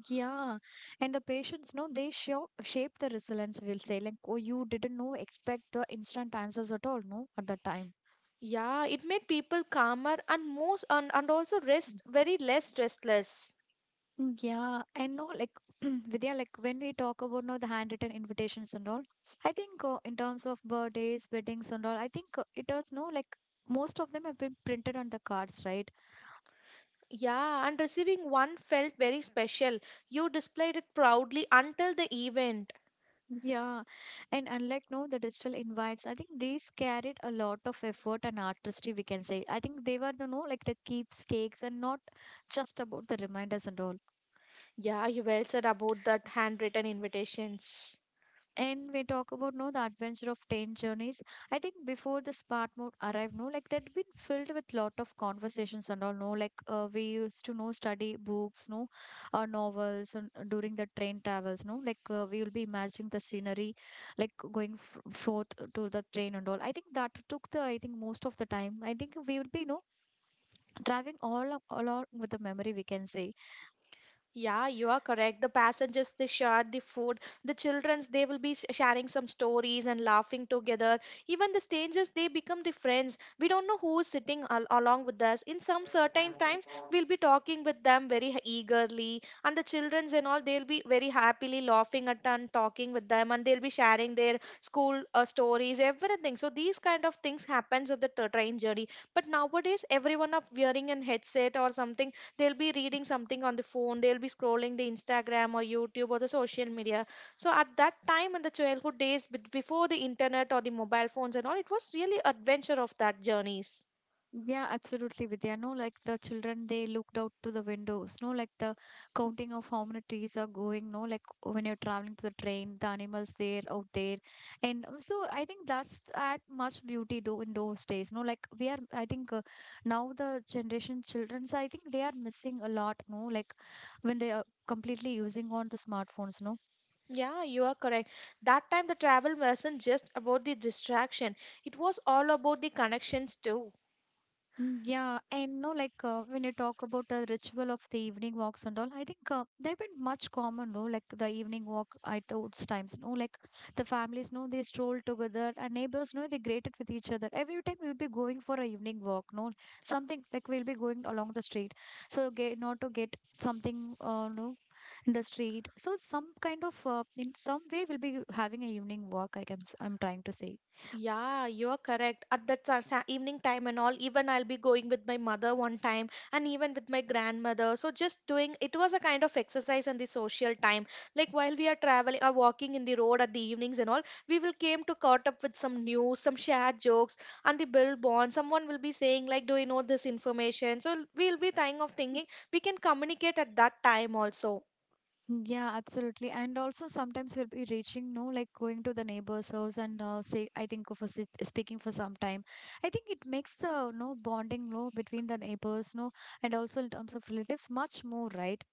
A: Yeah, and the patients, no, they show shape the resilience. We'll say, like, oh, you didn't know expect the instant answers at all, no, at the time.
B: Yeah, it made people calmer and most and also rest very less restless.
A: Mm. Yeah, I know, like, Vidya, like, when we talk about now the handwritten invitations and all, I think in terms of birthdays, weddings, and all, I think it does, no, like most of them have been printed on the cards, right?
B: Yeah, and receiving one felt very special. You displayed it proudly until the event.
A: Yeah, and unlike, no, the digital invites, I think these carried a lot of effort and artistry, we can say. I think they were the, no, like the keepsakes and not just about the reminders and all.
B: Yeah, you well said about that handwritten invitations.
A: And we talk about, no, the adventure of train journeys. I think before the smart mode arrived, no, like that been filled with lot of conversations and all, no, like we used to know, study books, no, novels, and during the train travels, no, like we will be imagining the scenery, like going forth to the train and all. I think that took the, I think, most of the time, I think we will be, no, driving all along with the memory, we can say.
B: Yeah, you are correct. The passengers, they shared the food. The childrens, they will be sharing some stories and laughing together. Even the strangers, they become the friends. We don't know who is sitting along with us. In some certain times, we'll be talking with them very eagerly. And the childrens and all, they'll be very happily laughing at and talking with them. And they'll be sharing their school stories, everything. So these kind of things happens with the train journey. But nowadays, everyone are wearing an headset or something, they'll be reading something on the phone, they'll be scrolling the Instagram or YouTube or the social media. So at that time in the childhood days, before the internet or the mobile phones and all, it was really adventure of that journeys.
A: Yeah, absolutely, Vidya. No, like the children, they looked out to the windows. No, like the counting of how many trees are going. No, like when you're traveling to the train, the animals there out there, and so I think that's add much beauty do in those days. No, like we are. I think now the generation children, so I think they are missing a lot. No, like when they are completely using on the smartphones, no.
B: Yeah, you are correct. That time the travel wasn't just about the distraction, it was all about the connections too.
A: Mm. Yeah, and no, like when you talk about the ritual of the evening walks and all, I think they've been much common, no, like the evening walk at those times, no, like the families, no, they stroll together and neighbors, no, they greeted with each other. Every time we'll be going for a evening walk, no, something like we'll be going along the street, so get not to get something, no, in the street. So some kind of in some way we'll be having a evening walk. I can, I'm trying to say.
B: Yeah, you're correct. At that evening time and all, even I'll be going with my mother one time and even with my grandmother. So just doing it was a kind of exercise and the social time. Like while we are traveling or walking in the road at the evenings and all, we will came to caught up with some news, some shared jokes and the bill bond. Someone will be saying like, do you know this information? So we'll be thinking of thinking we can communicate at that time also.
A: Yeah, absolutely. And also sometimes we'll be reaching, no, like going to the neighbor's house, and say, I think for speaking for some time. I think it makes the, no, bonding, no, between the neighbors, no, and also in terms of relatives, much more, right?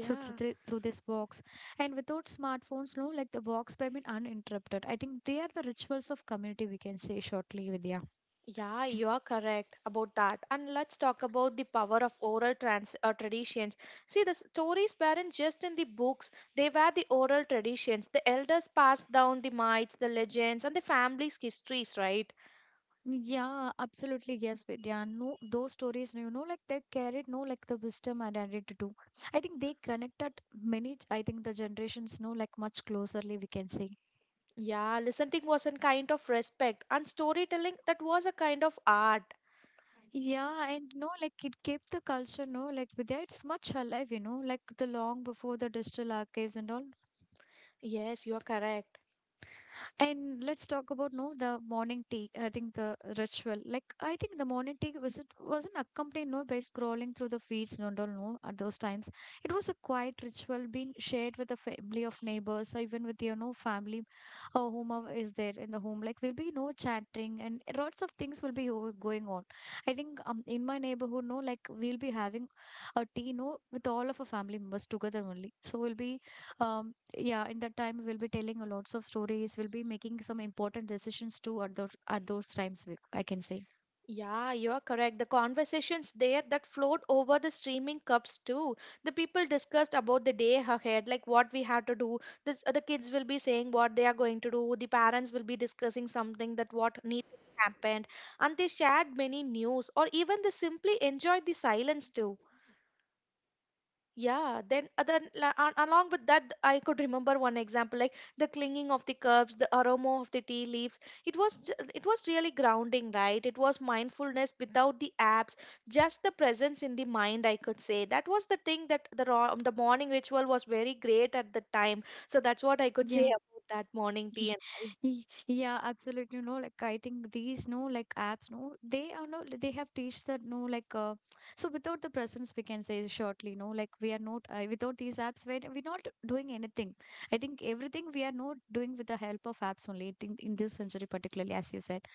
A: So through the, through this box, and without smartphones, no, like the box by being uninterrupted. I think they are the rituals of community, we can say shortly, Vidya.
B: Yeah, you are correct about that. And let's talk about the power of oral trans traditions. See, the stories weren't just in the books, they were the oral traditions. The elders passed down the myths, the legends, and the family's histories, right?
A: Yeah, absolutely. Yes, Vidya. No, those stories, like they carried, no, like the wisdom and identity too. I think they connected many, I think the generations know, like much closerly, we can say.
B: Yeah, listening was a kind of respect, and storytelling that was a kind of art.
A: Yeah, and no, like it kept the culture, no, like, Vidya, it's much alive, like the long before the digital archives and all.
B: Yes, you are correct.
A: And let's talk about, no, the morning tea. I think the ritual. Like I think the morning tea was it wasn't accompanied, no, by scrolling through the feeds. No, no, no. At those times, it was a quiet ritual being shared with the family of neighbors, or even with your, no, family, or whomever is there in the home. Like we'll be, no, chattering, and lots of things will be going on. I think in my neighborhood, no, like we'll be having a tea, no, with all of our family members together only. So we'll be um yeah, in that time we'll be telling a lots of stories, we'll be making some important decisions too at those times, I can say.
B: Yeah, you are correct. The conversations there that flowed over the streaming cups too. The people discussed about the day ahead, like what we had to do. The kids will be saying what they are going to do. The parents will be discussing something that what need to be happened. And they shared many news or even they simply enjoyed the silence too. Yeah, then along with that, I could remember one example like the clinging of the curbs, the aroma of the tea leaves. It was really grounding, right? It was mindfulness without the apps, just the presence in the mind. I could say that was the thing that the morning ritual was very great at the time. So that's what I could
A: Yeah.
B: say about that morning tea
A: Y-
B: and all.
A: Yeah, absolutely. No, like I think these, no, like apps, no, they are, no, they have teach that, no, like so without the presence, we can say shortly, no, like we are not, without these apps, we're not doing anything. I think everything we are not doing with the help of apps only. I think in this century particularly, as you said.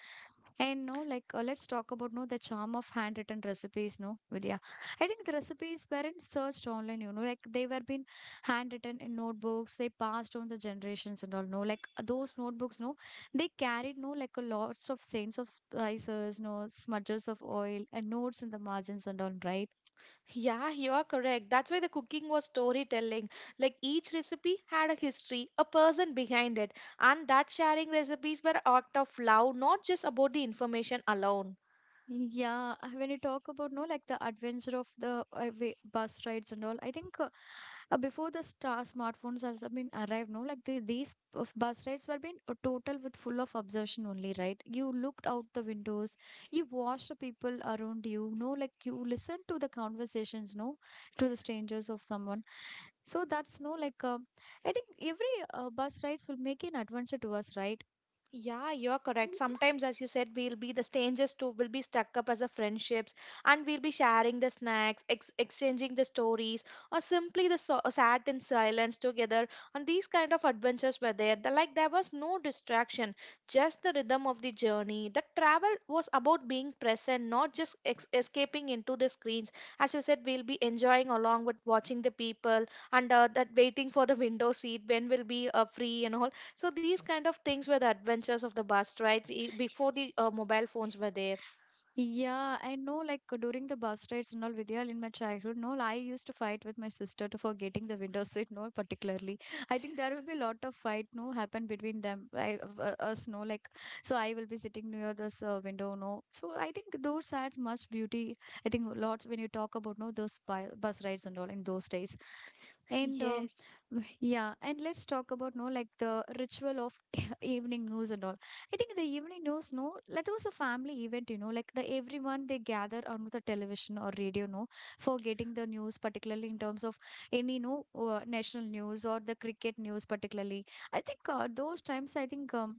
A: And no, like let's talk about, no, the charm of handwritten recipes, no, Vidya. I think the recipes weren't searched online. You know, like they were being handwritten in notebooks, they passed on the generations and all, no, like those notebooks, no, they carried, no, like a lots of stains of spices, no, smudges of oil and notes in the margins and all, right?
B: Yeah, you are correct. That's why the cooking was storytelling. Like each recipe had a history, a person behind it, and that sharing recipes were act of love, not just about the information alone.
A: Yeah, when you talk about, no, like the adventure of the bus rides and all, I think before the star smartphones has been arrived, no, like these of bus rides were been a total with full of observation only, right? You looked out the windows, you watched the people around you, no, like you listened to the conversations, no, to the strangers of someone. So that's, no, like I think every bus rides will make an adventure to us, right?
B: Yeah, you're correct. Sometimes, as you said, we'll be the strangers too, will be stuck up as a friendships, and we'll be sharing the snacks, ex exchanging the stories, or simply the sat in silence together. And these kind of adventures were there. The, like there was no distraction, just the rhythm of the journey. The travel was about being present, not just ex escaping into the screens. As you said, we'll be enjoying along with watching the people and that waiting for the window seat when we'll be free and all, so these kind of things were the adventures of the bus rides before the mobile phones were there.
A: Yeah, I know, like during the bus rides and all, Vidya, in my childhood, no, I used to fight with my sister to for getting the window seat, no, particularly. I think there will be a lot of fight, no, happen between them, I, us, no, like, so I will be sitting near this window, no. So I think those had much beauty. I think lots when you talk about, no, those bus rides and all in those days and
B: Yes.
A: yeah and let's talk about no like the ritual of evening news and all. I think the evening news, no, that was a family event, you know, like the everyone they gather on the television or radio, no, for getting the news, particularly in terms of any no national news or the cricket news particularly. I think those times, I think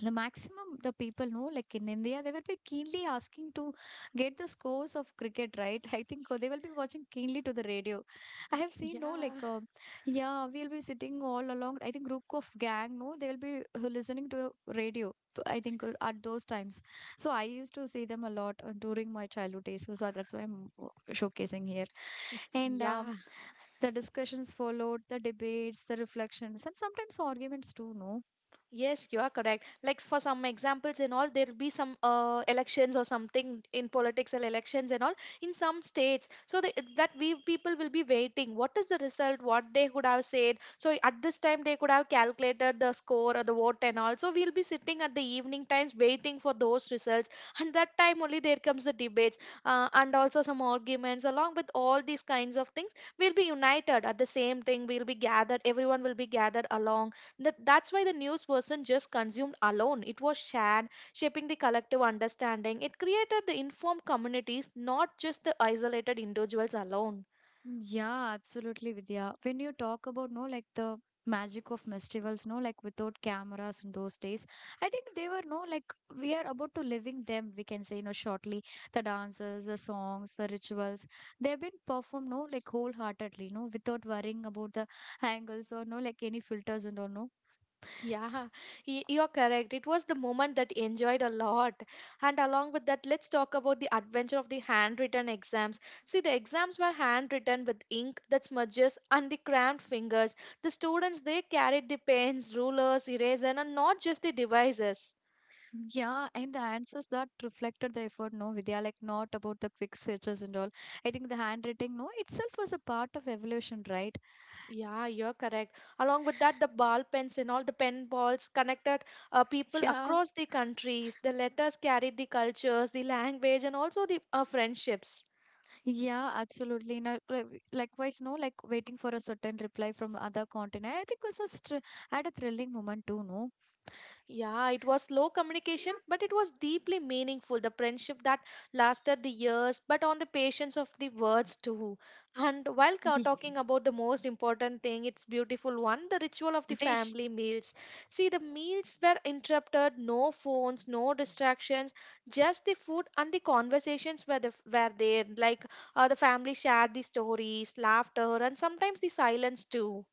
A: the maximum the people know like in India they will be keenly asking to get the scores of cricket, right? I think they will be watching keenly to the radio. I have seen, no, like
B: Yeah.
A: yeah, we'll be sitting all along, I think group of gang, no, they will be listening to radio, I think at those times. So I used to see them a lot during my childhood days, so that's why I'm uh, showcasing here. And
B: Yeah.
A: the discussions followed, the debates, the reflections, and sometimes arguments too, no.
B: Yes, you are correct. Like for some examples and all, there'll be some elections or something in political elections and all in some states. So they, that we people will be waiting. What is the result? What they could have said? So at this time they could have calculated the score or the vote and all. So we'll be sitting at the evening times waiting for those results. And that time only there comes the debates and also some arguments along with all these kinds of things. We'll be united at the same thing. We'll be gathered. Everyone will be gathered along that, that's why the news wasn't just consumed alone, it was shared, shaping the collective understanding. It created the informed communities, not just the isolated individuals alone.
A: Yeah, absolutely, Vidya. When you talk about, no, like the magic of festivals, no, like without cameras in those days, I think they were, no, like we are about to living them. We can say, you know, shortly the dances, the songs, the rituals. They have been performed, no, like wholeheartedly, no, without worrying about the angles or, no, like any filters and all, no.
B: Yeah, you're correct. It was the moment that enjoyed a lot. And along with that, let's talk about the adventure of the handwritten exams. See, the exams were handwritten with ink that smudges and the cramped fingers. The students, they carried the pens, rulers, eraser, and not just the devices.
A: Yeah, and the answers that reflected the effort, no, Vidya, like not about the quick searches and all. I think the handwriting, no, itself was a part of evolution, right?
B: Yeah, you're correct. Along with that, the ball pens and all the pen balls connected people
A: Yeah.
B: across the countries. The letters carried the cultures, the language, and also the friendships.
A: Yeah, absolutely. No, likewise, no, like waiting for a certain reply from other continent. I think was a had a thrilling moment too, no?
B: Yeah, it was slow communication, but it was deeply meaningful. The friendship that lasted the years, but on the patience of the words too. And while
A: Yeah.
B: talking about the most important thing, it's beautiful one the ritual of the
A: Ritesh,
B: family meals. See, the meals were interrupted, no phones, no distractions, just the food and the conversations were, the, were there. Like the family shared the stories, laughter, and sometimes the silence too.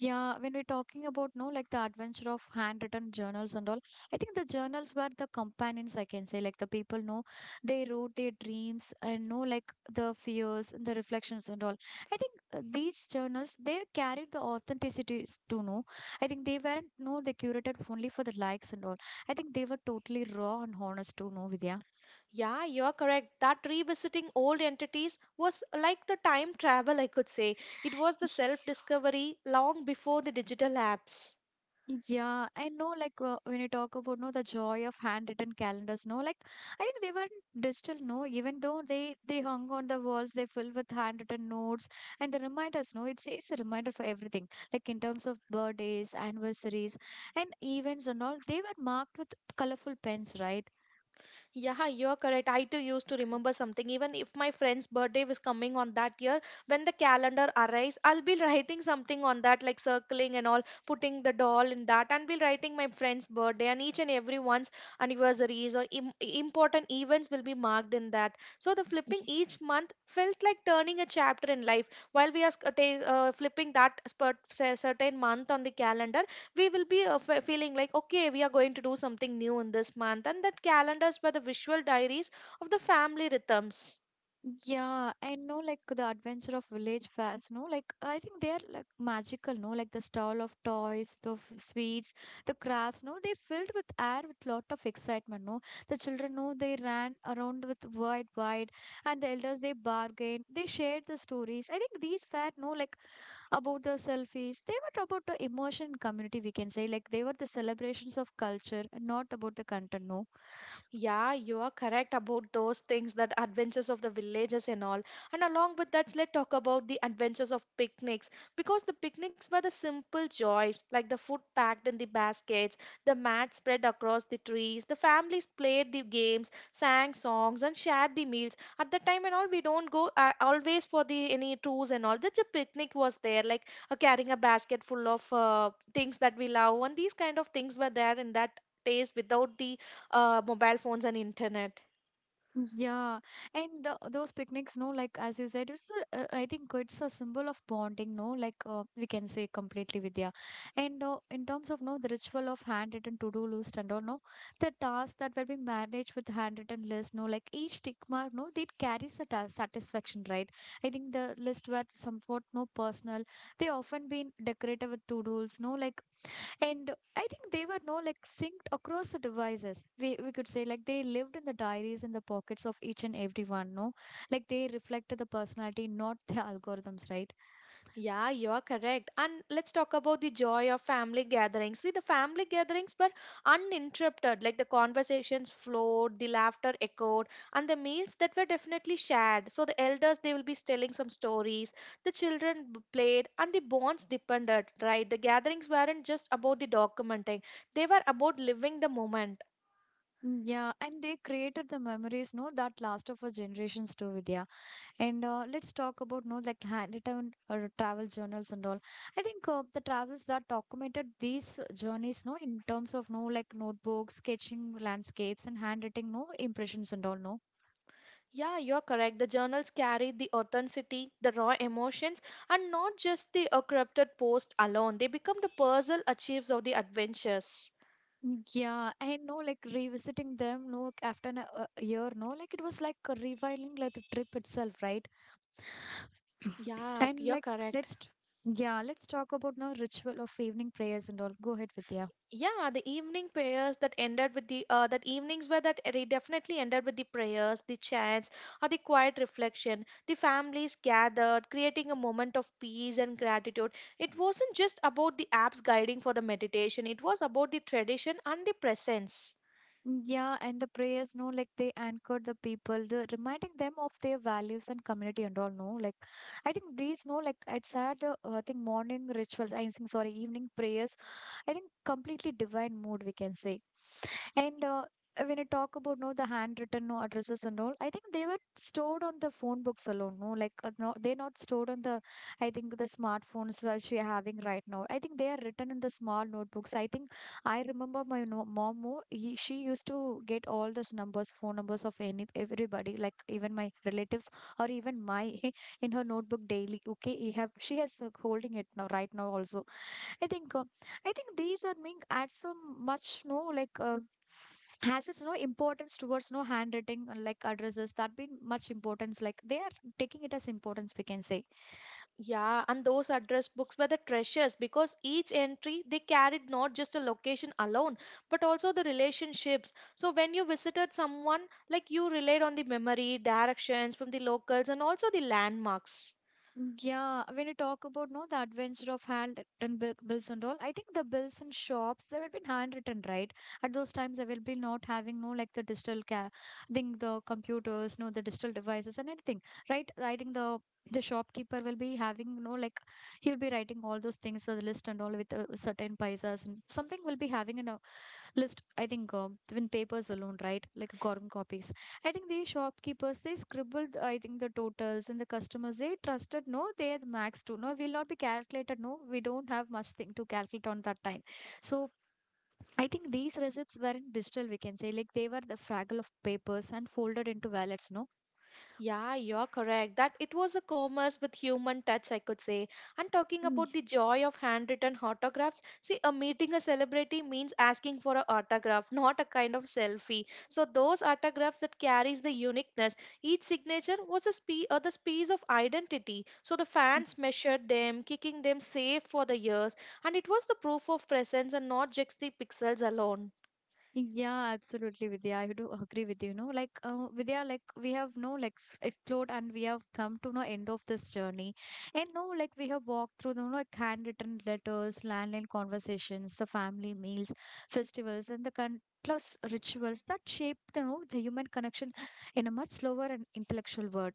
A: yeah, when we're talking about, no, like the adventure of handwritten journals and all, I think the journals were the companions, I can say, like the people know they wrote their dreams and know like the fears and the reflections and all. I think these journals they carried the authenticities to know. I think they weren't, no, they curated only for the likes and all. I think they were totally raw and honest to know, Vidya.
B: Yeah, you're correct. That revisiting old entities was like the time travel, I could say. It was the self discovery long before the digital apps.
A: Yeah, I know. Like when you talk about no the joy of handwritten calendars, no, like I think they were digital, no. Even though they hung on the walls, they filled with handwritten notes and the reminders, no. It's a reminder for everything, like in terms of birthdays, anniversaries, and events and all. They were marked with colorful pens, right?
B: Yeah, you're correct. I too used to remember something. Even if my friend's birthday was coming on that year, when the calendar arrives, I'll be writing something on that, like circling and all, putting the doll in that, and be writing my friend's birthday and each and every one's anniversaries or important events will be marked in that. So the flipping each month felt like turning a chapter in life. While we are flipping that certain month on the calendar, we will be feeling like, okay, we are going to do something new in this month. And that calendars were the visual diaries of the family rhythms.
A: Yeah, I know like the adventure of village fairs, no? Like I think they are like magical, no? Like the stall of toys, the sweets, the crafts, no? They filled with air with lot of excitement, no? The children, no, they ran around with wide, and the elders they bargained, they shared the stories. I think these fair, no, like about the selfies, they were about the emotion in community, we can say. Like they were the celebrations of culture, and not about the content, no?
B: Yeah, you are correct about those things that adventures of the villages and all. And along with that, let's talk about the adventures of picnics because the picnics were the simple joys like the food packed in the baskets, the mat spread across the trees, the families played the games, sang songs, and shared the meals. At the time and all, we don't go always for the any tours and all. Just a picnic was there, like carrying a basket full of things that we love, and these kind of things were there in that days without the mobile phones and internet.
A: Yeah, and the, those picnics, no, like as you said, it's a, I think it's a symbol of bonding, no, like we can say completely Vidya. And in terms of no, the ritual of handwritten to-do list and all, no, the tasks that were being managed with handwritten list, no, like each tick mark, no, they carries a ta satisfaction, right? I think the list were somewhat no personal. They often been decorated with to-dos, no, like and I think they were no like synced across the devices. We could say like they lived in the diaries in the pockets of each and every one, no? Like they reflected the personality, not the algorithms, right?
B: Yeah, you are correct. And let's talk about the joy of family gatherings. See, the family gatherings were uninterrupted, like the conversations flowed, the laughter echoed, and the meals that were definitely shared. So the elders, they will be telling some stories, the played, and the bonds depended, right? The gatherings weren't just about the documenting, they were about living the moment.
A: Mm, yeah, and they created the memories, no, that last for generations too, Vidya. And let's talk about no like handwritten or travel journals and all. I think the travels that documented these journeys, no, in terms of no like notebooks, sketching landscapes, and handwriting, no impressions and all, no.
B: Yeah, you're correct. The journals carry the authenticity, the raw emotions, and not just the corrupted post alone. They become the puzzle achieves of the adventures.
A: Yeah, I know, like revisiting them, no, like, after an, a year, no, like it was like a reviling like the trip itself, right?
B: Yeah,
A: And
B: you're
A: like,
B: correct.
A: let's, t- yeah, let's talk about now ritual of evening prayers and all. Go ahead, Vidya.
B: Yeah, the evening prayers that ended with the that evenings were that they definitely ended with the prayers, the chants, or the quiet reflection. The families gathered, creating a moment of peace and gratitude. It wasn't just about the apps guiding for the meditation. It was about the tradition and the presence.
A: Yeah, and the prayers, no, like they anchored the people, the, reminding them of their values and community and all, no, like I think these, no, like it's had the I think morning rituals, I think sorry, evening prayers, I think completely divine mood we can say, and when you talk about no the handwritten no addresses and all, I think they were stored on the phone books alone, no, like no, they're not stored on the I think the smartphones which we're having right now. I think they are written in the small notebooks. I think I remember my mom, more, he, she used to get all those numbers, phone numbers of any everybody, like even my relatives or even my in her notebook daily. Okay, he have she has holding it now right now also. I think uh, I think these are being add some much no like has its no importance towards no handwriting like addresses that been much importance like they are taking it as importance we can say.
B: Yeah, and those address books were the treasures because each entry they carried not just a location alone, but also the relationships. So when you visited someone, like you relied on the memory, directions from the locals, and also the landmarks.
A: Yeah, when you talk about no the adventure of handwritten bills and all, I think the bills in shops they will be handwritten, right? At those times they will be not having no like the digital ca I think the computers, no the digital devices and anything, right? I think the shopkeeper will be having no like he'll be writing all those things the list and all with certain paisas and something will be having in a list. I think in papers alone, right? Like a carbon copies. I think the shopkeepers they scribbled I think the totals and the customers they trusted no they had max to no will not be calculated no we don't have much thing to calculate on that time, so I think these receipts were in digital we can say like they were the fraggle of papers and folded into wallets, no.
B: Yeah, you're correct. That it was a commerce with human touch, I could say. And talking about the joy of handwritten autographs, see, a meeting a celebrity means asking for an autograph, not a kind of selfie. So those autographs that carries the uniqueness. Each signature was a the piece of identity. So the fans measured them, kicking them safe for the years, and it was the proof of presence and not just the pixels alone.
A: Yeah, absolutely, Vidya. I do agree with you. You know, like Vidya, like we have no like explored and we have come to no end of this journey, and no like we have walked through the you like handwritten letters, landline conversations, the family meals, festivals, and the plus rituals that shape the, you know, the human connection in a much slower and intellectual world.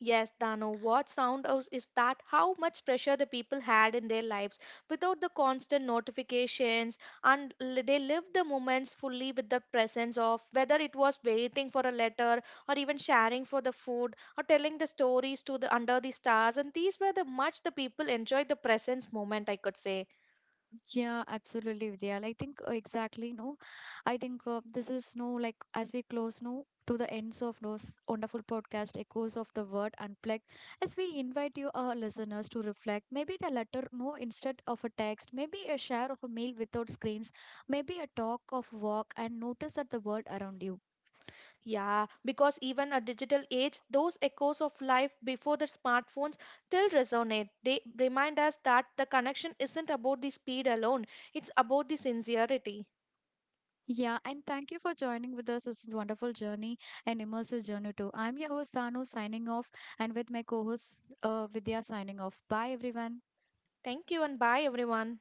B: Yes, Dano, what sound is that how much pressure the people had in their lives without the constant notifications and they lived the moments fully with the presence of whether it was waiting for a letter or even sharing for the food or telling the stories to the under the stars and these were the much the people enjoyed the presence moment I could say.
A: Yeah, absolutely, Vidya. Like, I think exactly, no. I think this is no like as we close no to the ends of those wonderful podcast echoes of the word unplugged. As we invite you, our listeners, to reflect, maybe the letter no instead of a text, maybe a share of a meal without screens, maybe a talk of walk, and notice that the world around you.
B: Yeah, because even a digital age, those echoes of life before the smartphones still resonate. They remind us that the connection isn't about the speed alone, it's about the sincerity.
A: Yeah, and thank you for joining with us. This is wonderful journey and immersive journey too. I'm your host Danu signing off, and with my co-host Vidya signing off. Bye, everyone.
B: Thank you and bye, everyone.